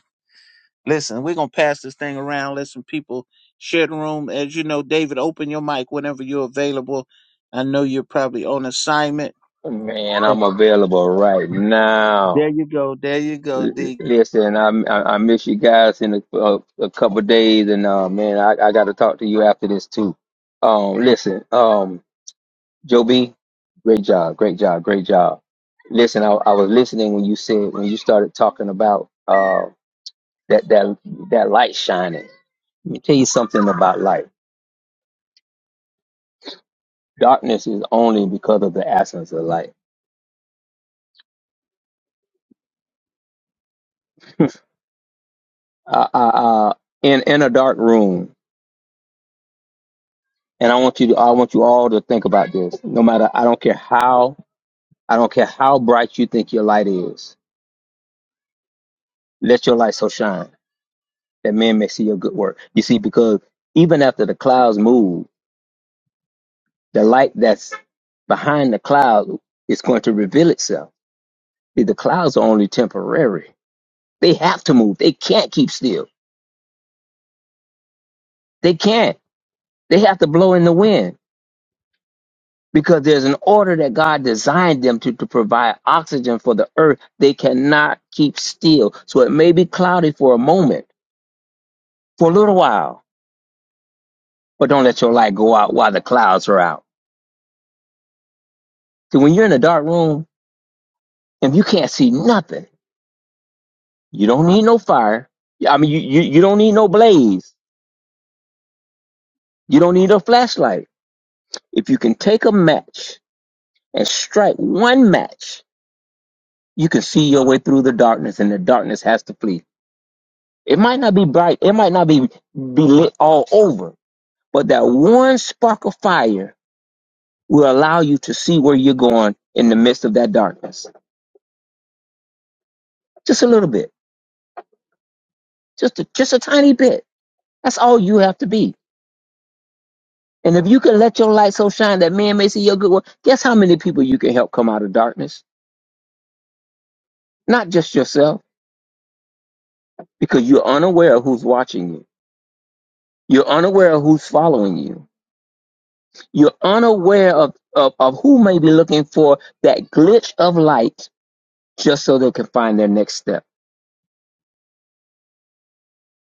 S3: listen, we're gonna pass this thing around. Let some people share the room. As you know, David, open your mic whenever you're available. I know you're probably on assignment.
S4: Man,
S3: Uh,
S4: I'm available right now.
S3: There you go. There you go,
S4: L-
S3: D.
S4: Listen, I, I I miss you guys in a, a, a couple of days, and uh, man, I, I got to talk to you after this too. Um, listen, um, Joe B, great job, great job, great job. Listen, I, I was listening when you said when you started talking about uh that that that light shining. Let me tell you something about light. Darkness is only because of the absence of light. Uh, uh, uh, in in a dark room. And I want you to I want you all to think about this. No matter I don't care how I don't care how bright you think your light is. Let your light so shine that men may see your good work. You see, because even after the clouds move, the light that's behind the cloud is going to reveal itself. See, the clouds are only temporary. They have to move. They can't keep still. They can't. They have to blow in the wind because there's an order that God designed them to, to provide oxygen for the earth. They cannot keep still. So it may be cloudy for a moment, for a little while, but don't let your light go out while the clouds are out. So when you're in a dark room and you can't see nothing, you don't need no fire. I mean, you, you, you don't need no blaze. You don't need a flashlight. If you can take a match and strike one match, you can see your way through the darkness and the darkness has to flee. It might not be bright, it might not be, be lit all over, but that one spark of fire will allow you to see where you're going in the midst of that darkness. Just a little bit, just a, just a tiny bit. That's all you have to be. And if you can let your light so shine that men may see your good work, guess how many people you can help come out of darkness? Not just yourself, because you're unaware of who's watching you. You're unaware of who's following you. You're unaware of, of, of who may be looking for that glitch of light just so they can find their next step.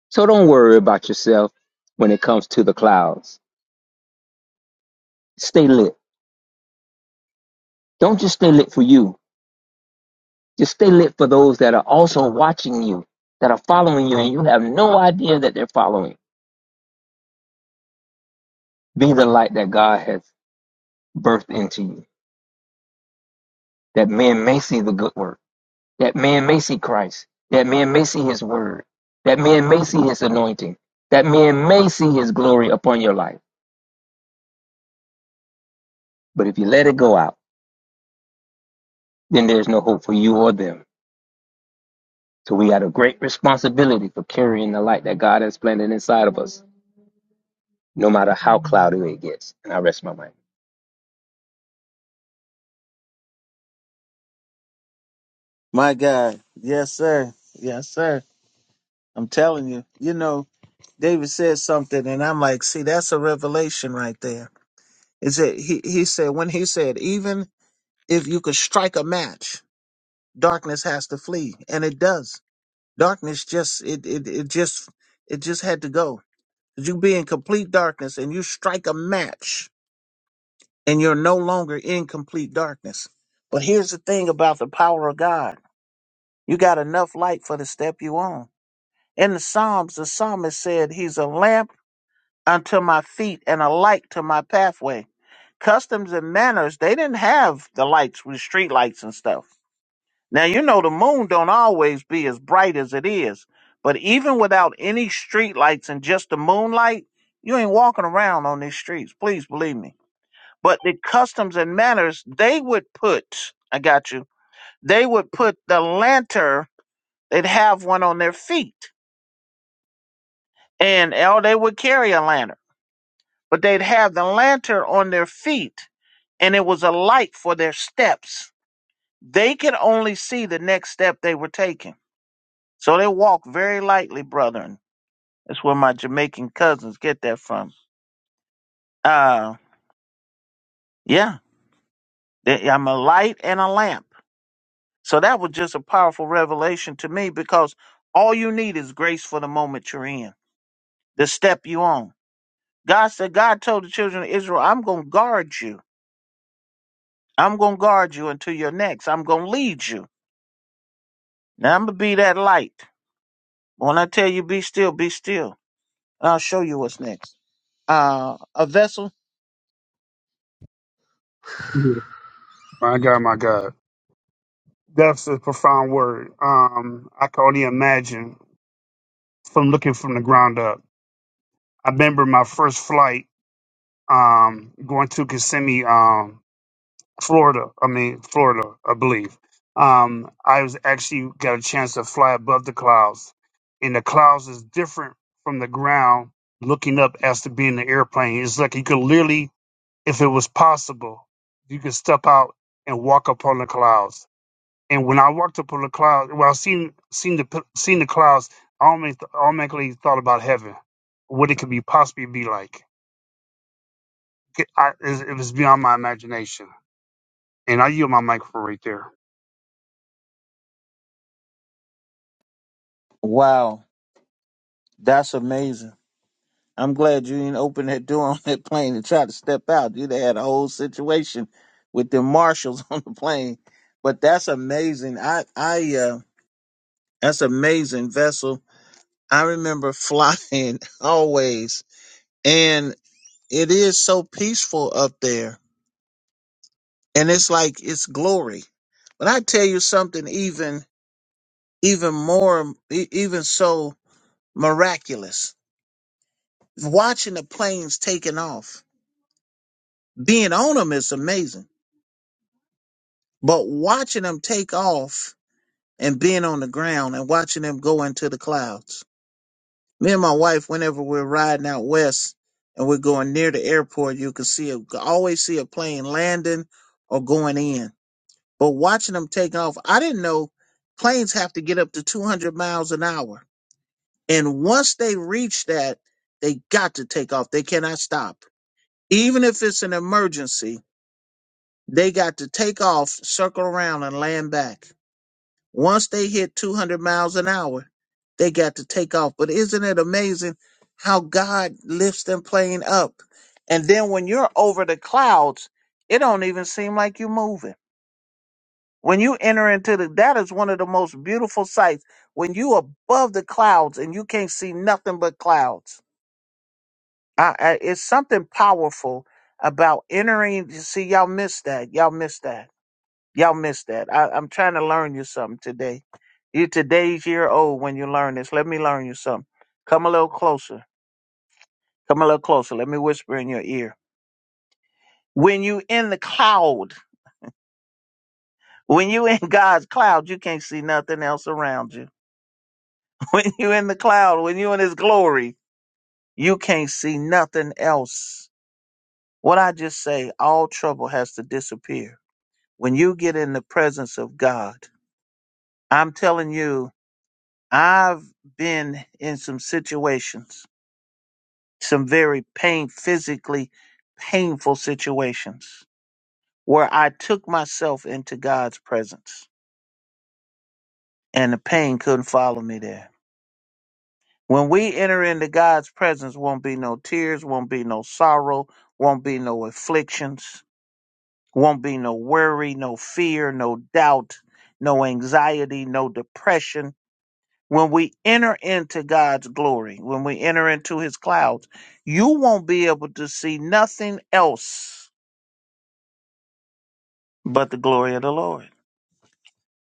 S4: So don't worry about yourself when it comes to the clouds. Stay lit. Don't just stay lit for you. Just stay lit for those that are also watching you, that are following you, and you have no idea that they're following. Be the light that God has birthed into you. That man may see the good work. That man may see Christ. That man may see his word. That man may see his anointing. That man may see his glory upon your life. But if you let it go out, then there's no hope for you or them. So we had a great responsibility for carrying the light that God has planted inside of us, no matter how cloudy it gets. And I rest my mind.
S3: My God. Yes, sir. Yes, sir. I'm telling you. You know, David said something, and I'm like, see, that's a revelation right there. Is it? He he said when he said, even if you could strike a match, darkness has to flee, and it does. Darkness just it it it just it just had to go. 'Cause You be in complete darkness, and you strike a match, and you're no longer in complete darkness. But here's the thing about the power of God: you got enough light for the step you on. In the Psalms, the psalmist said, "He's a lamp." unto my feet and a light to my pathway. Customs and manners, they didn't have the lights with street lights and stuff. Now you know the moon don't always be as bright as it is, but even without any street lights and just the moonlight, you ain't walking around on these streets. Please believe me. But the customs and manners, they would put, I got you, they would put the lantern, they'd have one on their feet. And oh, they would carry a lantern but they'd have the lantern on their feet and it was a light for their steps. They could only see the next step they were taking. So they walked very lightly, brethren. That's where my Jamaican cousins get that from. Uh, yeah, they- I'm a light and a lamp. So that was just a powerful revelation to me because all you need is grace for the moment you're in, the step you on. God said, God told the children of Israel, I'm going to guard you. I'm going to guard you until your next. I'm going to lead you. Now I'm gonna be that light. When I tell you be still, be still. I'll show you what's next. Uh a vessel.
S5: My God, my God. That's a profound word. Um, I can only imagine from looking from the ground up. I remember my first flight um, going to Kissimmee, um, Florida. I mean, Florida, I believe. Um, I was actually got a chance to fly above the clouds, and the clouds is different from the ground looking up as to being an airplane. It's like you could literally, if it was possible, you could step out and walk upon the clouds And when I walked up on the cloud, well, I seen seen the p- seen the clouds, I automatically, automatically thought about heaven, what it could be possibly be like. It, I, it was beyond my imagination. And I yield my microphone right there.
S3: Wow, that's amazing. I'm glad you didn't open that door on that plane and try to step out. You'd have had a whole situation with the marshals on the plane. But that's amazing. I I uh that's amazing vessel. I remember flying always and it is so peaceful up there. And it's like it's glory. But I tell you something even even more, e- even so miraculous. Watching the planes taking off, being on them is amazing, but watching them take off and being on the ground and watching them go into the clouds. Me and my wife, whenever we're riding out west and we're going near the airport, you can see a, always see a plane landing or going in. But watching them take off, I didn't know planes have to get up to 200 miles an hour And once they reach that, they got to take off. They cannot stop. Even if it's an emergency, they got to take off, circle around, and land back. Once they hit 200 miles an hour, they got to take off. But isn't it amazing how God lifts them plane up? And then when you're over the clouds, it don't even seem like you're moving. When you enter into the, that is one of the most beautiful sights. When you above the clouds and you can't see nothing but clouds I, I, it's something powerful about entering. You see, y'all missed that. Y'all missed that. Y'all missed that. I, I'm trying to learn you something today. You today's year old when you learn this. Let me learn you something. Come a little closer. Come a little closer. Let me whisper in your ear. When you in the cloud, when you in God's cloud, you can't see nothing else around you. When you in the cloud, when you in His glory, you can't see nothing else. What I just say, all trouble has to disappear When you get in the presence of God, I'm telling you, I've been in some situations, some very pain, physically painful situations where I took myself into God's presence and the pain couldn't follow me there. When we enter into God's presence, won't be no tears, won't be no sorrow, won't be no afflictions, won't be no worry, no fear, no doubt, no anxiety, no depression When we enter into God's glory, when we enter into his clouds, you won't be able to see nothing else but the glory of the Lord.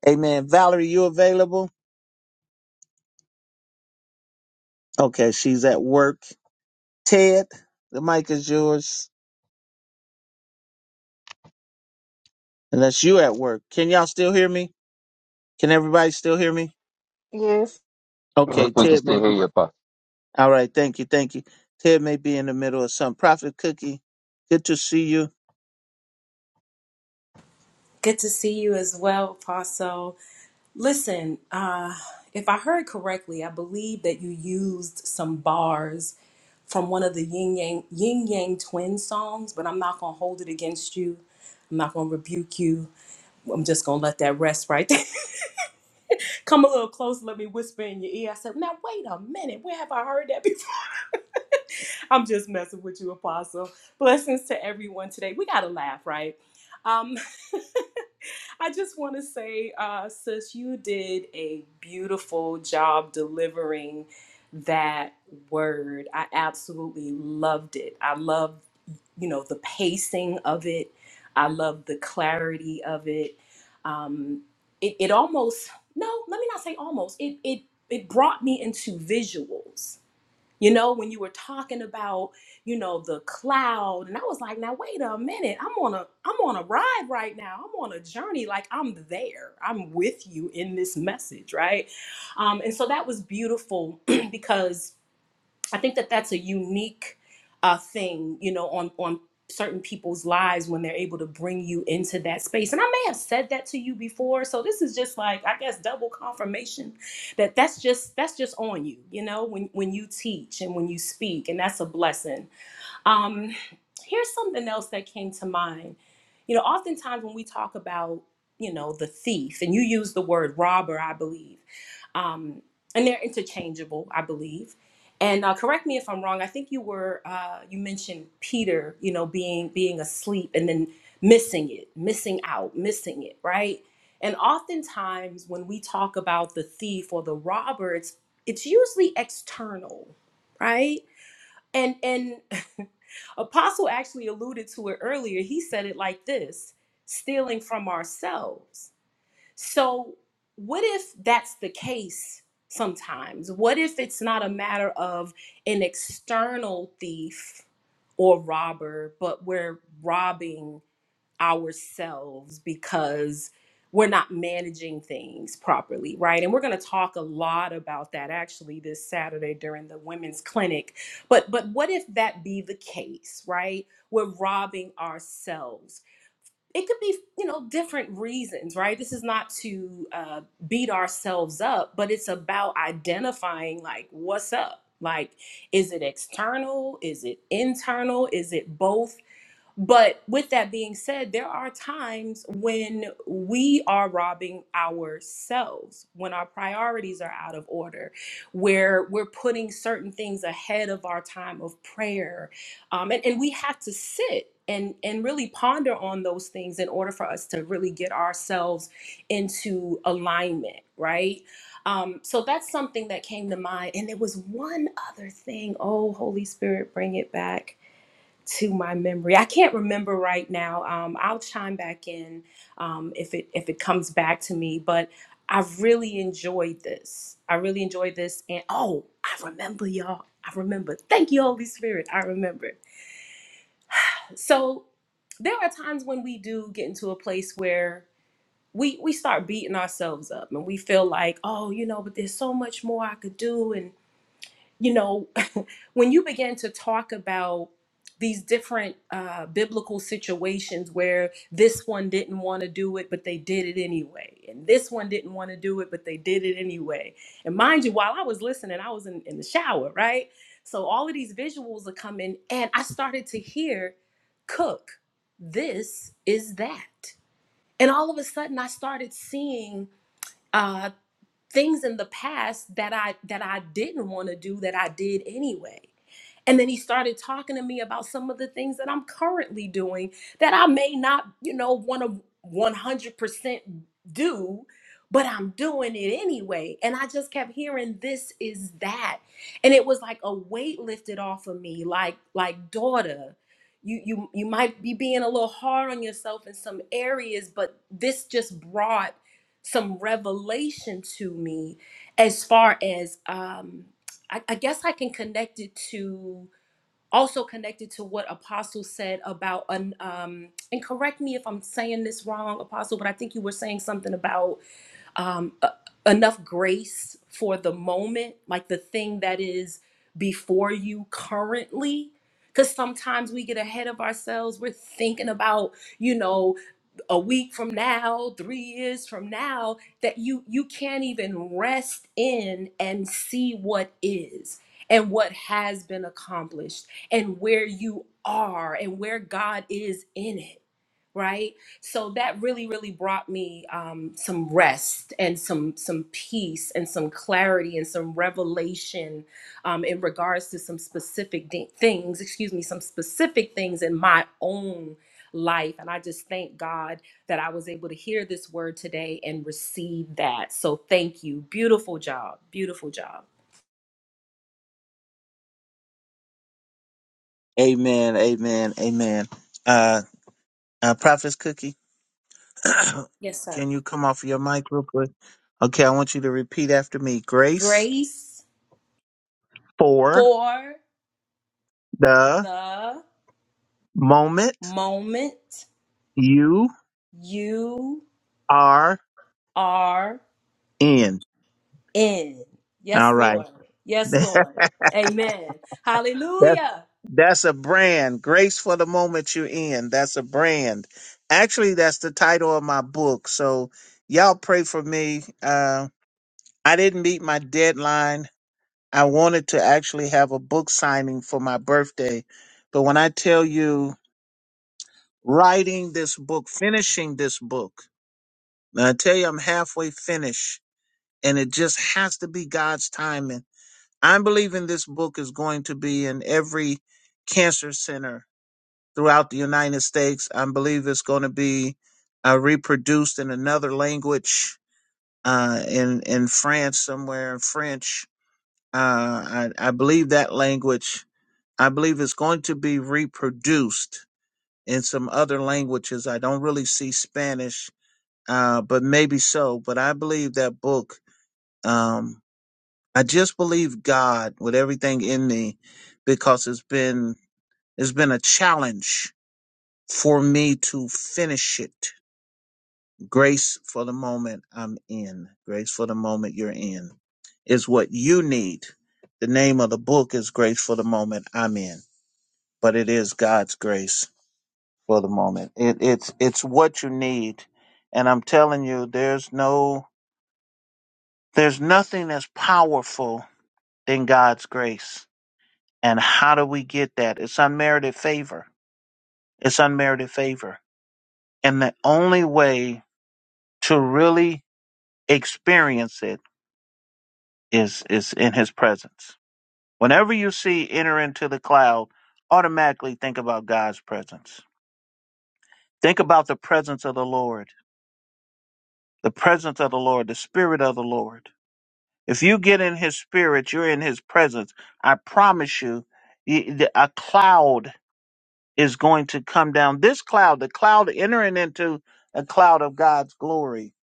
S3: Amen. Valerie, you available? Okay, she's at work. Ted, the mic is yours. Unless you at work. Can y'all still hear me? Can everybody still hear me?
S1: Yes.
S4: We
S3: Okay,
S4: we can
S3: Ted may
S4: still hear
S3: be
S4: you, Apostle.
S3: all right, thank you, thank you. Ted may be in the middle of some prophet cookie. Good to see you.
S6: Good to see you as well, Paso. Listen, uh, if I heard correctly, I believe that you used some bars from one of the Yin Yang Yin Yang Twin songs, but I'm not gonna hold it against you. I'm not gonna rebuke you. I'm just gonna let that rest right there. Come a little closer, let me whisper in your ear. I said, now wait a minute, where have I heard that before? I'm just messing with you, Apostle. Blessings to everyone today. We gotta laugh, right? Um, I just want to say, uh, sis, you did a beautiful job delivering that word. I absolutely loved it. I love, you know, the pacing of it. I love the clarity of it. Um, it, it almost no, let me not say almost. It it it brought me into visuals you know, when you were talking about, you know, the cloud, and I was like, now wait a minute, I'm on a I'm on a ride right now. I'm on a journey, like I'm there. I'm with you in this message, right? Um, and so that was beautiful because I think that that's a unique uh, thing, you know, on on certain people's lives when they're able to bring you into that space. And I may have said that to you before, so this is just like I guess double confirmation that that's just that's just on you, you know, when when you teach and when you speak, and that's a blessing. Um, here's something else that came to mind. You know, oftentimes when we talk about, you know, the thief, and you use the word robber, I believe, um, and they're interchangeable, I believe. And uh, correct me if I'm wrong. I think you were uh, you mentioned Peter, you know, being being asleep and then missing it, missing out, missing it, right? And oftentimes when we talk about the thief or the robber, it's it's usually external, right? And and Apostle actually alluded to it earlier. He said it like this stealing from ourselves. So, what if that's the case sometimes? What if it's not a matter of an external thief or robber, but we're robbing? ourselves because we're not managing things properly, right? And we're going to talk a lot about that actually this Saturday during the women's clinic. But but what if that be the case, right? We're robbing ourselves. It could be, you know, different reasons, right? This is not to uh, beat ourselves up, but it's about identifying like what's up. Like, is it external? Is it internal? Is it both? But with that being said, there are times when we are robbing ourselves, when our priorities are out of order, where we're putting certain things ahead of our time of prayer. Um, and, and we have to sit. And, and really ponder on those things in order for us to really get ourselves into alignment, right? Um, so that's something that came to mind. And there was one other thing. Oh, Holy Spirit, bring it back to my memory. I can't remember right now. Um, I'll chime back in um, if it if it comes back to me. But I have really enjoyed this. I really enjoyed this. And oh, I remember y'all. I remember. Thank you, Holy Spirit. I remember. So there are times when we do get into a place where we we start beating ourselves up and we feel like, oh, you know, but there's so much more I could do you know, when you begin to talk about these different uh, biblical situations where this one didn't want to do it, but they did it anyway, and this one didn't want to do it, but they did it anyway. And mind you, while I was listening, I was in, in the shower, right? So all of these visuals are coming, and I started to hear, Cook, this is that. And all of a sudden, I started seeing. uh, things in the past that I that I didn't want to do that I did anyway. And then he started talking to me about some of the things that I'm currently doing that I may not, you know, want to 100% do, but I'm doing it anyway. And I just kept hearing this is that. And it was like a weight lifted off of me like like daughter, you you you might be being a little hard on yourself in some areas, but this just brought some revelation to me as far as um I, I guess I can connect it to also connected to what Apostle said about an um and correct me if I'm saying this wrong, Apostle, but I think you were saying something about um uh, enough grace for the moment, like the thing that is before you currently. Because sometimes we get ahead of ourselves. We're thinking about, you know, a week from now, three years from now, that you you can't even rest in and see what is and what has been accomplished and where you are and where God is in it. Right. So that really, really brought me um, some rest and some some peace and some clarity and some revelation um, in regards to some specific di- things. Excuse me, some specific things in my own life. And I just thank God that I was able to hear this word today and receive that. So thank you. Beautiful job. Beautiful job.
S3: Amen. Amen. Amen. Uh, uh Prophet's Cookie,
S6: Yes, sir.
S3: can you come off your mic real quick? Okay, I want you to repeat after me. Grace
S6: Grace
S3: for
S6: for
S3: the
S6: the
S3: moment
S6: moment
S3: you
S6: you
S3: are
S6: are
S3: in.
S6: in.
S3: All
S6: Yes,
S3: right.
S6: Lord. Yes,
S3: That's
S6: Lord. Amen. Hallelujah.
S3: That's a brand. Grace for the moment you're in. That's a brand. Actually, that's the title of my book. So y'all pray for me. Uh, I didn't meet my deadline. I wanted to actually have a book signing for my birthday. But when I tell you writing this book, finishing this book, and I tell you I'm halfway finished and it just has to be God's timing. I'm believing this book is going to be in every cancer center throughout the United States. I believe it's going to be uh, reproduced in another language uh, in in France somewhere in French. Uh, I, I believe that language. I believe it's going to be reproduced in some other languages. I don't really see Spanish, uh, but maybe so. But I believe that book. Um, I just believe God with everything in me, because it's been it's been a challenge for me to finish it Grace for the moment I'm in. Grace for the moment you're in is what you need. The name of the book is Grace for the Moment I'm in, but it is God's grace for the moment. It, it's it's what you need, and I'm telling you, there's no there's nothing as powerful than God's grace. And how do we get that? It's unmerited favor. It's unmerited favor, and the only way to really experience it is is in his presence. Whenever you see enter into the cloud, automatically think about God's presence. Think about the presence of the Lord, the presence of the Lord, the spirit of the Lord. If you get in his spirit, you're in his presence. I promise you, y- the- a cloud is going to come down. This cloud, the cloud entering into a cloud of God's glory,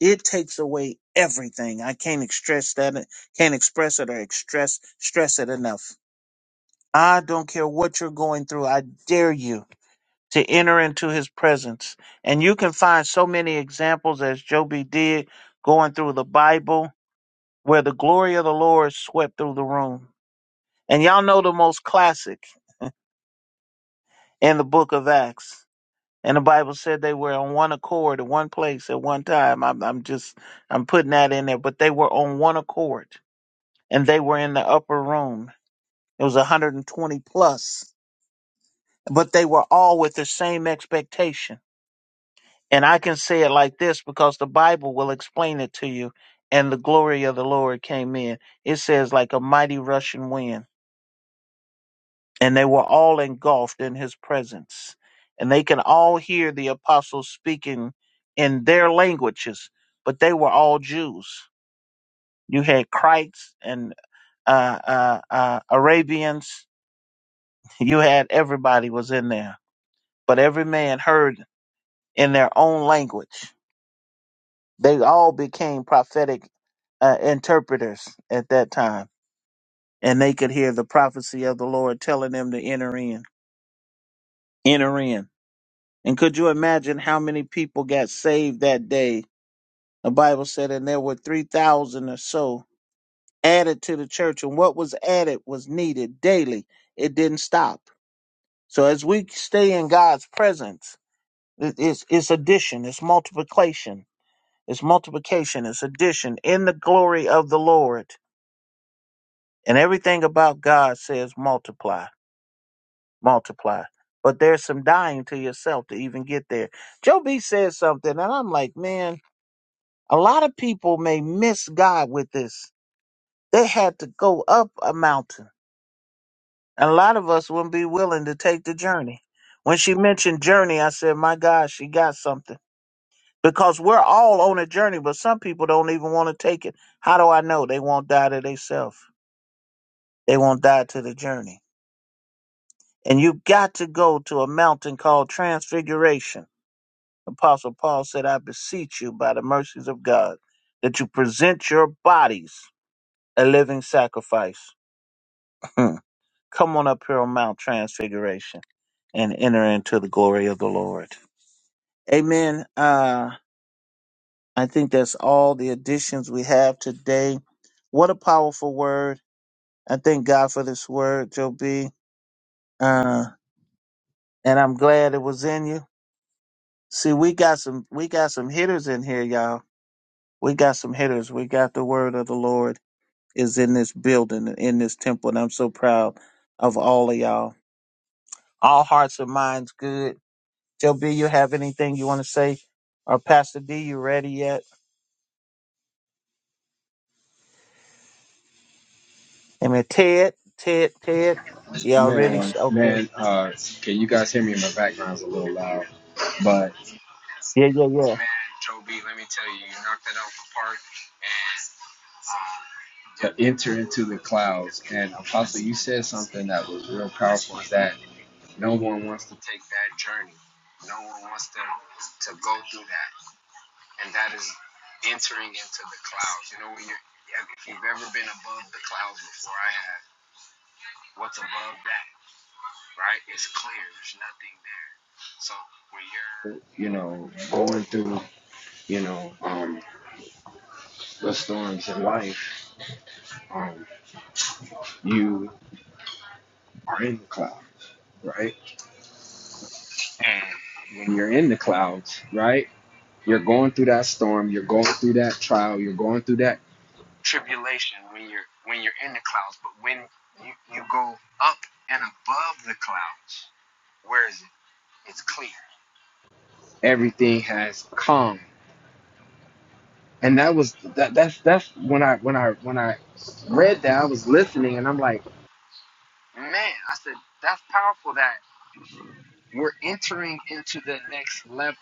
S3: it takes away everything. I can't express that, can't express it or express stress it enough I don't care what you're going through. I dare you to enter into his presence. And you can find so many examples as Joby did going through the Bible where the glory of the Lord swept through the room. And y'all know the most classic in the book of Acts. And the Bible said they were on one accord at one place at one time. I'm, I'm just, I'm putting that in there, but they were on one accord and they were in the upper room. It was 120 plus, but they were all with the same expectation And I can say it like this because the Bible will explain it to you. And the glory of the Lord came in. It says, like a mighty rushing wind. And they were all engulfed in his presence. And they can all hear the apostles speaking in their languages, but they were all Jews. You had Crites and uh, uh, uh, Arabians. You had everybody was in there, but every man heard in their own language. They all became prophetic uh, interpreters at that time, and they could hear the prophecy of the Lord telling them to enter in, enter in. And could you imagine how many people got saved that day? The Bible said, and there were 3,000 or so added to the church, and what was added was needed daily. It didn't stop. So as we stay in God's presence, it- it's, it's addition, it's multiplication, it's multiplication, it's addition in the glory of the Lord And everything about God says multiply, multiply. But there's some dying to yourself to even get there. Joe B says something, and I'm like, man, a lot of people may miss God with this. They had to go up a mountain. And a lot of us wouldn't be willing to take the journey. When she mentioned journey, I said, my God, she got something. Because we're all on a journey, but some people don't even want to take it. How do I know? They won't die to themselves. They won't die to the journey. And you've got to go to a mountain called Transfiguration. Apostle Paul said, I beseech you by the mercies of God that you present your bodies a living sacrifice. Come on up here on Mount Transfiguration and enter into the glory of the Lord. Amen. Uh, I think that's all the additions we have today. What a powerful word. I thank God for this word, Joe B. Uh, and I'm glad it was in you. See, we got some we got some hitters in here, y'all. We got some hitters. We got the word of the Lord is in this building, in this temple, and I'm so proud of all of y'all. All hearts and minds good. Joe B, you have anything you want to say? Or Pastor D, you ready yet? I mean, Ted, Ted, Ted, y'all ready?
S7: Man,
S3: Sh- Okay.
S7: man, uh, okay, you guys hear me in the background's a little loud, but
S3: Yeah, yeah, yeah.
S7: man, Joe B, let me tell you, you knocked that out the park and uh, to enter into the clouds. And Apostle, you said something that was real powerful is that no one wants to take that journey, no one wants to, to go through that, and that is entering into the clouds. You know, when you're if you've ever been above the clouds before, I have. What's above that? right? It's clear. There's nothing there. So when you're, you know, going through, you know, um, the storms in life, um, you are in the clouds, right? And when you're in the clouds, right, you're going through that storm. You're going through that trial. You're going through that tribulation when you're when you're in the clouds. But when you you go up and above the clouds, where is it? It's clear. Everything has calm. and that was that that's that's when I when I when I read that I was listening and I'm like, man, I said that's powerful that we're entering into the next level,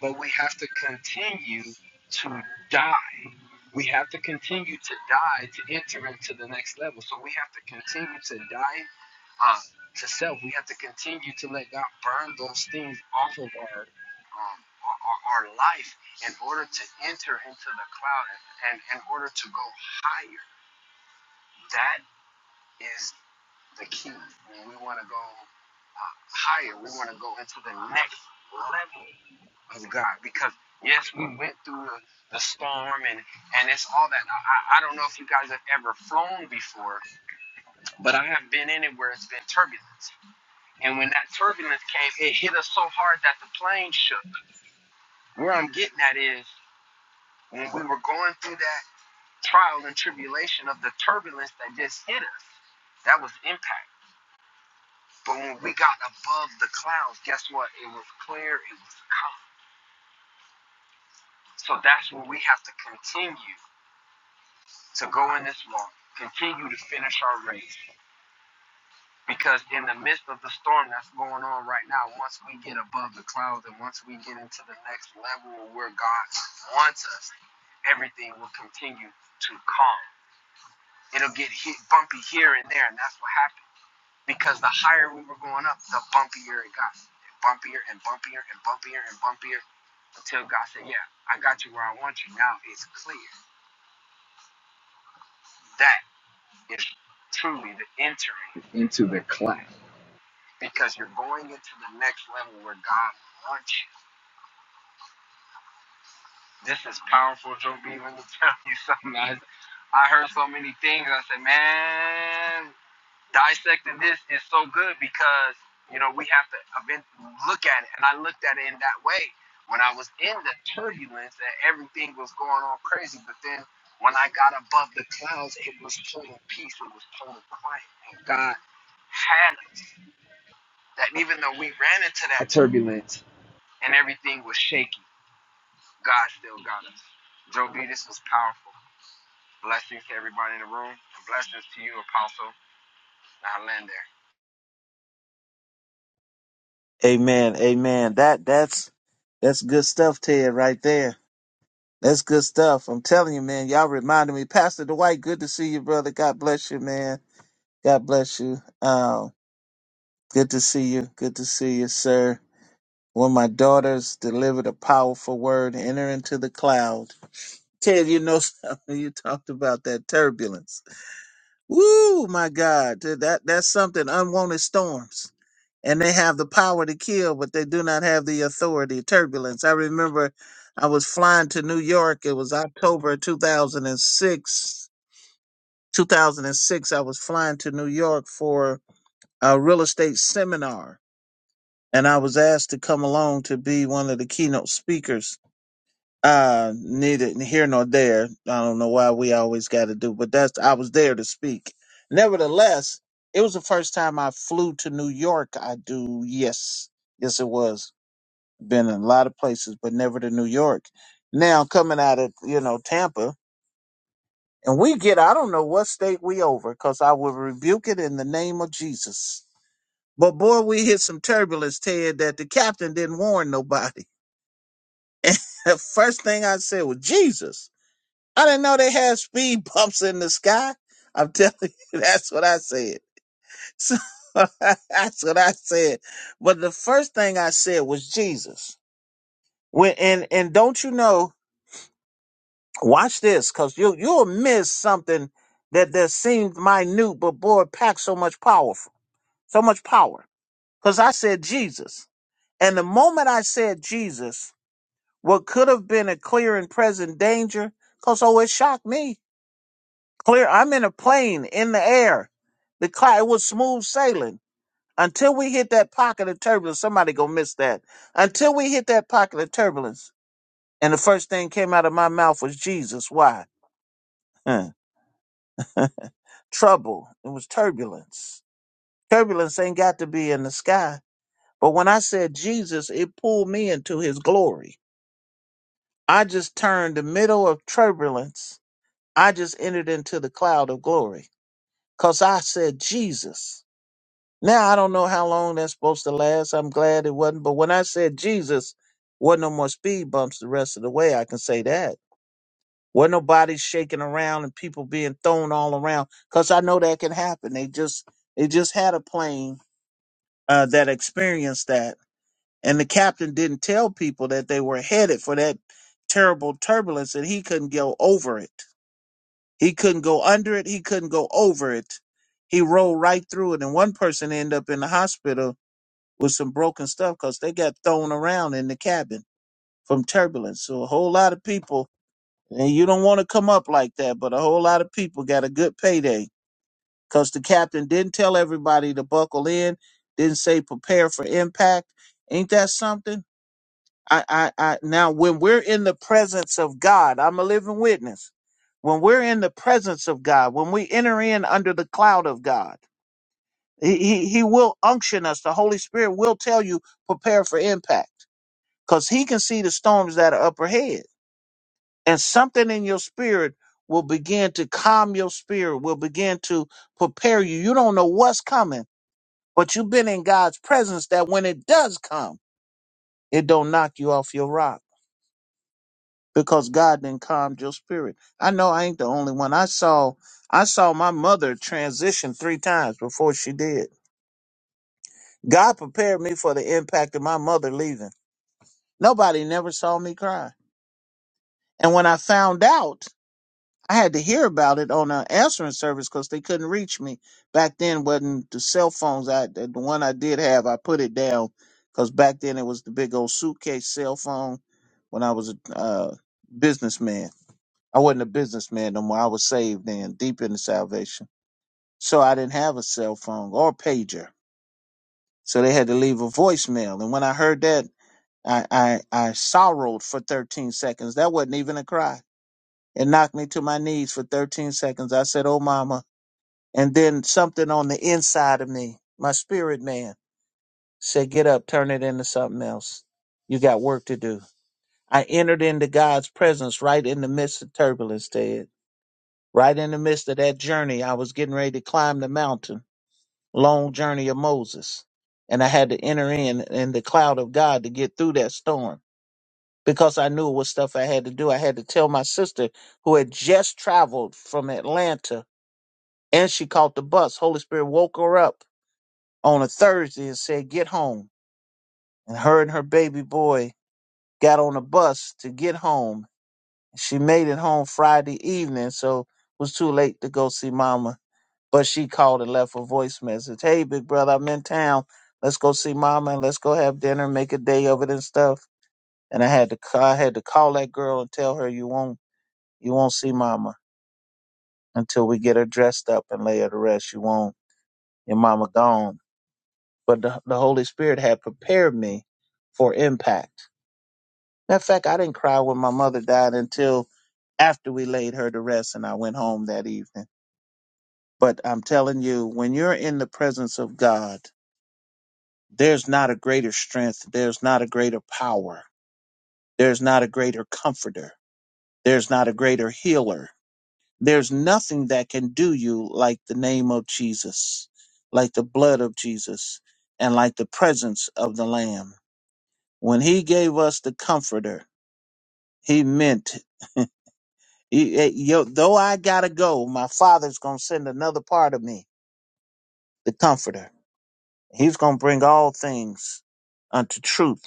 S7: but we have to continue to die. We have to continue to die to enter into the next level. So we have to continue to die um, to self. We have to continue to let God burn those things off of our um, our, our life in order to enter into the cloud and in order to go higher. That is the key. When we want to go uh, higher, we want to go into the next level of God because. Yes, we went through the, the storm and, and it's all that. I, I I don't know if you guys have ever flown before, but I have been in it where it's been turbulence And when that turbulence came, it hit us so hard that the plane shook. Where I'm getting at is when we were going through that trial and tribulation of the turbulence that just hit us, that was impact. But when we got above the clouds, guess what? It was clear, it was calm. So that's where we have to continue to go in this walk, continue to finish our race, because in the midst of the storm that's going on right now, once we get above the clouds and once we get into the next level where God wants us, everything will continue to calm. It'll get hit, bumpy here and there, and that's what happened. Because the higher we were going up, the bumpier it got. Bumpier and bumpier and bumpier and bumpier until God said, Yeah, I got you where I want you. Now it's clear. That is truly the entering into the cloud. because you're going into the next level where God wants you. This is powerful, Joe B. Let me tell you something. I, I heard so many things. I said, man, dissecting this is so good because, you know, we have to look at it. And I looked at it in that way. When I was in the turbulence and everything was going on crazy, but then when I got above the clouds, it was total peace. It was total quiet. And God had us. That even though we ran into that turbulence, and everything was shaky. God still got us. Joe B, this was powerful. Blessings to everybody in the room. And blessings to you, Apostle. Now land there.
S3: Amen, amen. That that's that's good stuff, Ted, right there That's good stuff. I'm telling you, man. Y'all reminded me, Pastor Dwight. Good to see you, brother. God bless you, man. God bless you. Um, good to see you. Good to see you, sir. When my daughters delivered a powerful word, enter into the cloud. Ted, you know something. You talked about that turbulence. Woo, my God, dude, that that's something. Unwanted storms and they have the power to kill, but they do not have the authority. Turbulence. I remember I was flying to New York. It was October 2006. 2006, I was flying to New York for a real estate seminar, and I was asked to come along to be one of the keynote speakers. Uh, neither here nor there. I don't know why we always got to do, but that's I was there to speak. Nevertheless, it was the first time I flew to New York. I do, yes, yes, it was been in a lot of places, but never to New York. Now coming out of you know Tampa, and we get I don't know what state we over, cause I will rebuke it in the name of Jesus. But boy, we hit some turbulence, Ted, that the captain didn't warn nobody. And the first thing I said was Jesus. I didn't know they had speed bumps in the sky. I'm telling you, that's what I said. So that's what I said. But the first thing I said was Jesus. When and and don't you know Watch this, cause you you'll miss something that that seemed minute, but boy, packed so much powerful, so much power. Cause I said Jesus, and the moment I said Jesus, what could have been a clear and present danger, cause oh, it shocked me. Clear, I'm in a plane in the air. The cloud it was smooth sailing until we hit that pocket of turbulence. Somebody gonna miss that until we hit that pocket of turbulence. And the first thing came out of my mouth was Jesus. Why? trouble. It was turbulence. Turbulence ain't got to be in the sky. But when I said Jesus, it pulled me into his glory. I just turned the middle of turbulence. I just entered into the cloud of glory because I said Jesus. Now I don't know how long that's supposed to last. I'm glad it wasn't. But when I said Jesus, wasn't no more speed bumps the rest of the way. I can say that. Wasn't nobody shaking around and people being thrown all around because I know that can happen. They just, they just had a plane uh, that experienced that. And the captain didn't tell people that they were headed for that terrible turbulence and he couldn't go over it. He couldn't go under it. He couldn't go over it. He rolled right through it. And one person ended up in the hospital with some broken stuff because they got thrown around in the cabin from turbulence. So a whole lot of people, and you don't want to come up like that, but a whole lot of people got a good payday because the captain didn't tell everybody to buckle in, didn't say prepare for impact. Ain't that something? I, I, I, now when we're in the presence of God, I'm a living witness. When we're in the presence of God, when we enter in under the cloud of God, he, he, he will unction us. The Holy Spirit will tell you prepare for impact because he can see the storms that are up ahead and something in your spirit will begin to calm your spirit, will begin to prepare you. You don't know what's coming But you've been in God's presence that when it does come, it don't knock you off your rock because God then calmed your spirit. I know I ain't the only one. I saw I saw my mother transition three times before she did. God prepared me for the impact of my mother leaving. Nobody never saw me cry. And when I found out I had to hear about it on an answering service because they couldn't reach me back then. wasn't the cell phones? I the one I did have, I put it down because back then it was the big old suitcase cell phone. When I was a uh, businessman, I wasn't a businessman no more. I was saved then, deep into salvation, so I didn't have a cell phone or pager. So they had to leave a voicemail, and when I heard that, I I, I sorrowed for thirteen seconds. That wasn't even a cry. It knocked me to my knees for 13 seconds. I said, Oh, mama. And then something on the inside of me, my spirit man, said, Get up, turn it into something else. You got work to do. I entered into God's presence right in the midst of turbulence, Ted. Right in the midst of that journey, I was getting ready to climb the mountain, long journey of Moses. And I had to enter in in the cloud of God to get through that storm because I knew what stuff I had to do. I had to tell my sister who had just traveled from Atlanta and she caught the bus. Holy Spirit woke her up on a Thursday and said, Get home. And her and her baby boy got on a bus to get home. She made it home Friday evening, so it was too late to go see mama. But she called and left a voice message Hey, big brother, I'm in town. Let's go see mama and let's go have dinner, make a day of it and stuff. And I had to ca- I had to call that girl and tell her you won't you won't see mama until we get her dressed up and lay her to rest. You won't. Your mama gone. But the, the Holy Spirit had prepared me for impact Matter of fact, I didn't cry when my mother died until after we laid her to rest and I went home that evening. But I'm telling you, when you're in the presence of God, there's not a greater strength, there's not a greater power, there's not a greater comforter, there's not a greater healer. There's nothing that can do you like the name of Jesus, like the blood of Jesus, and like the presence of the Lamb. When He gave us the Comforter, He meant You- eh, Yo, though I gotta go, my father's gonna send another part of me, the comforter. He's gonna bring all things unto truth,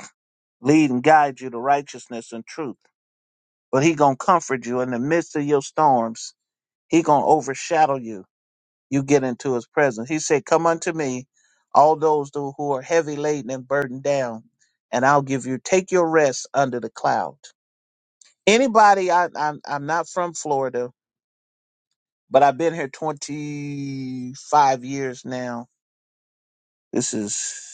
S3: lead and guide you to righteousness and truth. But he gonna comfort you in the midst of your storms. He gonna overshadow you. You get into his presence. He said, come unto me, all those who who are heavy laden and burdened down, and I'll give you, take your rest under the cloud. Anybody, I, I'm, I'm not from Florida but I've been here 25 years now. This is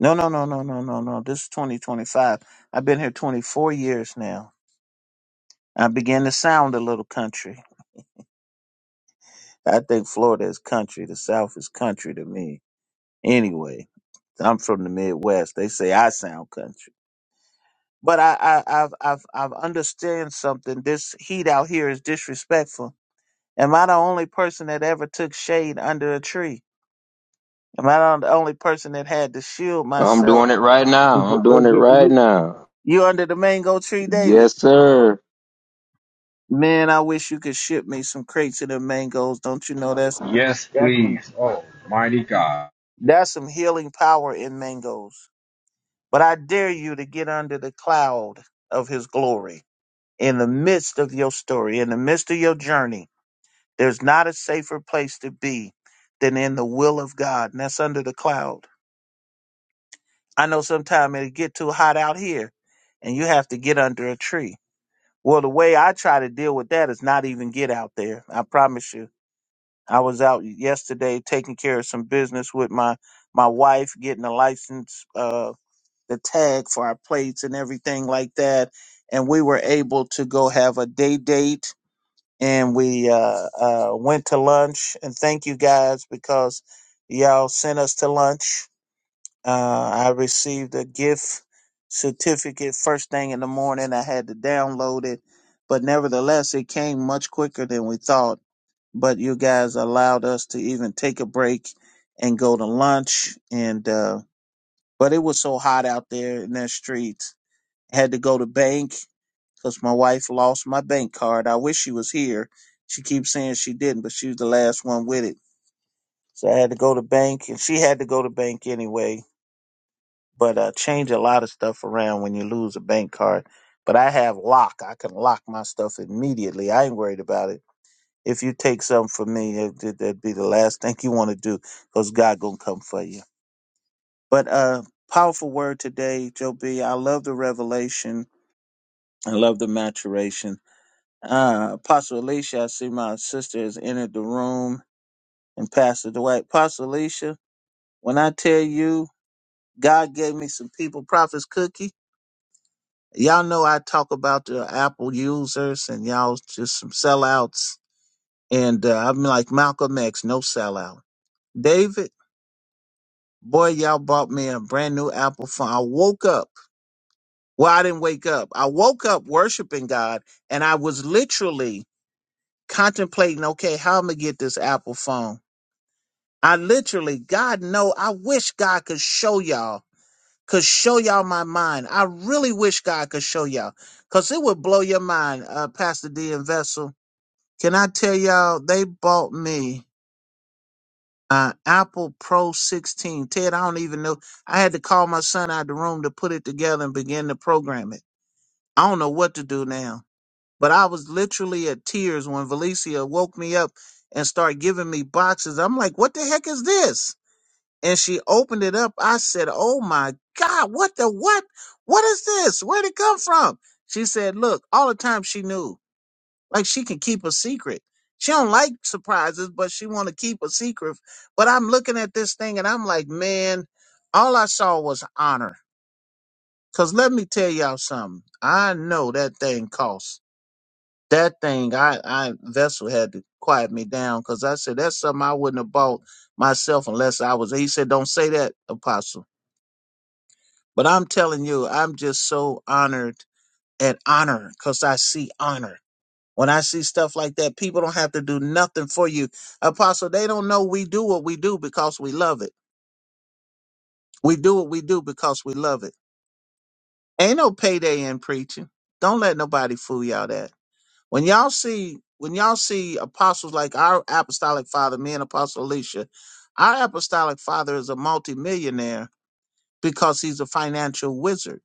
S3: no, no, no, no, no, no, no. This is 2025. I've been here 24 years now. I began to sound a little country. I think Florida is country. The South is country to me. Anyway, I'm from the Midwest. They say I sound country. But I, I, I've, I've, I've understand something. This heat out here is disrespectful. Am I the only person that ever took shade under a tree? Am I not the only person that had to shield
S4: I'm
S3: myself?
S4: doing it right now. I'm doing
S3: You
S4: it right now.
S3: you under the mango tree, David.
S4: Yes, sir.
S3: Man, I wish you could ship me some crates of them mangoes. Don't you know that's
S7: Yes,
S3: that's some
S7: please. Oh, mighty God.
S3: that's some healing power in mangoes. But I dare you to get under the cloud of his glory in the midst of your story, in the midst of your journey. There's not a safer place to be than in the will of God, and that's under the cloud. I know sometimes it'll get too hot out here and you have to get under a tree Well, the way I try to deal with that is not even get out there. I promise you. I was out yesterday taking care of some business with my my wife, getting a license, uh, the tag for our plates and everything like that. And we were able to go have a day date, and we uh, uh, went to lunch. And thank you guys because y'all sent us to lunch uh, I received a gift certificate first thing in the morning. I had to download it, but nevertheless, it came much quicker than we thought. But you guys allowed us to even take a break and go to lunch. And uh, but it was so hot out there in the streets. I had to go to bank because my wife lost my bank card. I wish she was here. She keeps saying she didn't, but she was the last one with it. So I had to go to bank, and she had to go to bank anyway but uh, change a lot of stuff around when you lose a bank card. But I have lock. I can lock my stuff immediately. I ain't worried about it. If you take something from me, it- that- that'd be the last thing you want to do, because God gonna come for you. But uh, powerful word today, Joe B. I love the revelation. I love the maturation. Uh, Apostle Alicia, I see my sister has entered the room, and Pastor Dwight. Apostle Alicia, when I tell you, God gave me some people, prophets cookie. Y'all know I talk about the Apple users and y'all just some sellouts. And uh, I'm like Malcolm X, no sellout. David, boy, y'all bought me a brand new Apple phone. I woke up. Well, I didn't wake up. I woke up worshiping God and I was literally contemplating, okay, how I'm going to get this Apple phone. I literally, God know, I wish God could show y'all, could show y'all my mind. I really wish God could show y'all because it would blow your mind, uh, Pastor D and Vessel Can I tell y'all they bought me an Apple Pro 16. Ted, I don't even know. I had to call my son out of the room to put it together and begin to program it. I don't know what to do now. But I was literally at tears when Valicia woke me up and started giving me boxes. I'm like, what the heck is this? And she opened it up. I said, Oh my God, what the what? What is this? Where'd it come from? She said, Look, all the time she knew. Like she can keep a secret. She don't like surprises, but she want to keep a secret. But I'm looking at this thing and I'm like, man, all I saw was honor. Cause let me tell y'all something. I know that thing costs. That thing, I, I vessel had to quiet me down because I said that's something I wouldn't have bought myself unless I was. He said, "Don't say that, Apostle." But I'm telling you, I'm just so honored and honor because I see honor. When I see stuff like that, people don't have to do nothing for you. Apostle, they don't know we do what we do because we love it. We do what we do because we love it. Ain't no payday in preaching. Don't let nobody fool y'all that. When y'all see when y'all see apostles like our apostolic father, me and Apostle Alicia, our apostolic father is a multimillionaire because he's a financial wizard.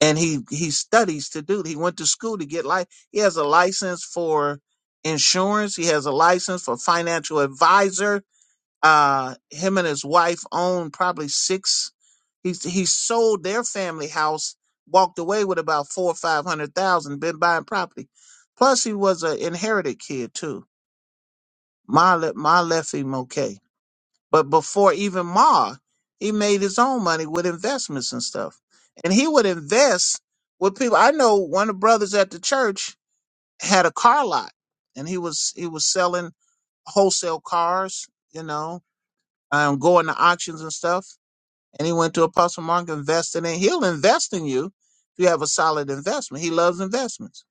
S3: and he he studies to do. He went to school to get life. He has a license for insurance. He has a license for financial advisor. Uh, him and his wife own probably six. He he sold their family house, walked away with about four or five hundred thousand. Been buying property. Plus, he was an inherited kid too. My Le- my Leffie Moke. But before even Ma, he made his own money with investments and stuff. And he would invest with people. I know one of the brothers at the church had a car lot and he was he was selling wholesale cars, you know, um, going to auctions and stuff. And he went to Apostle Mark invested in he'll invest in you if you have a solid investment. He loves investments.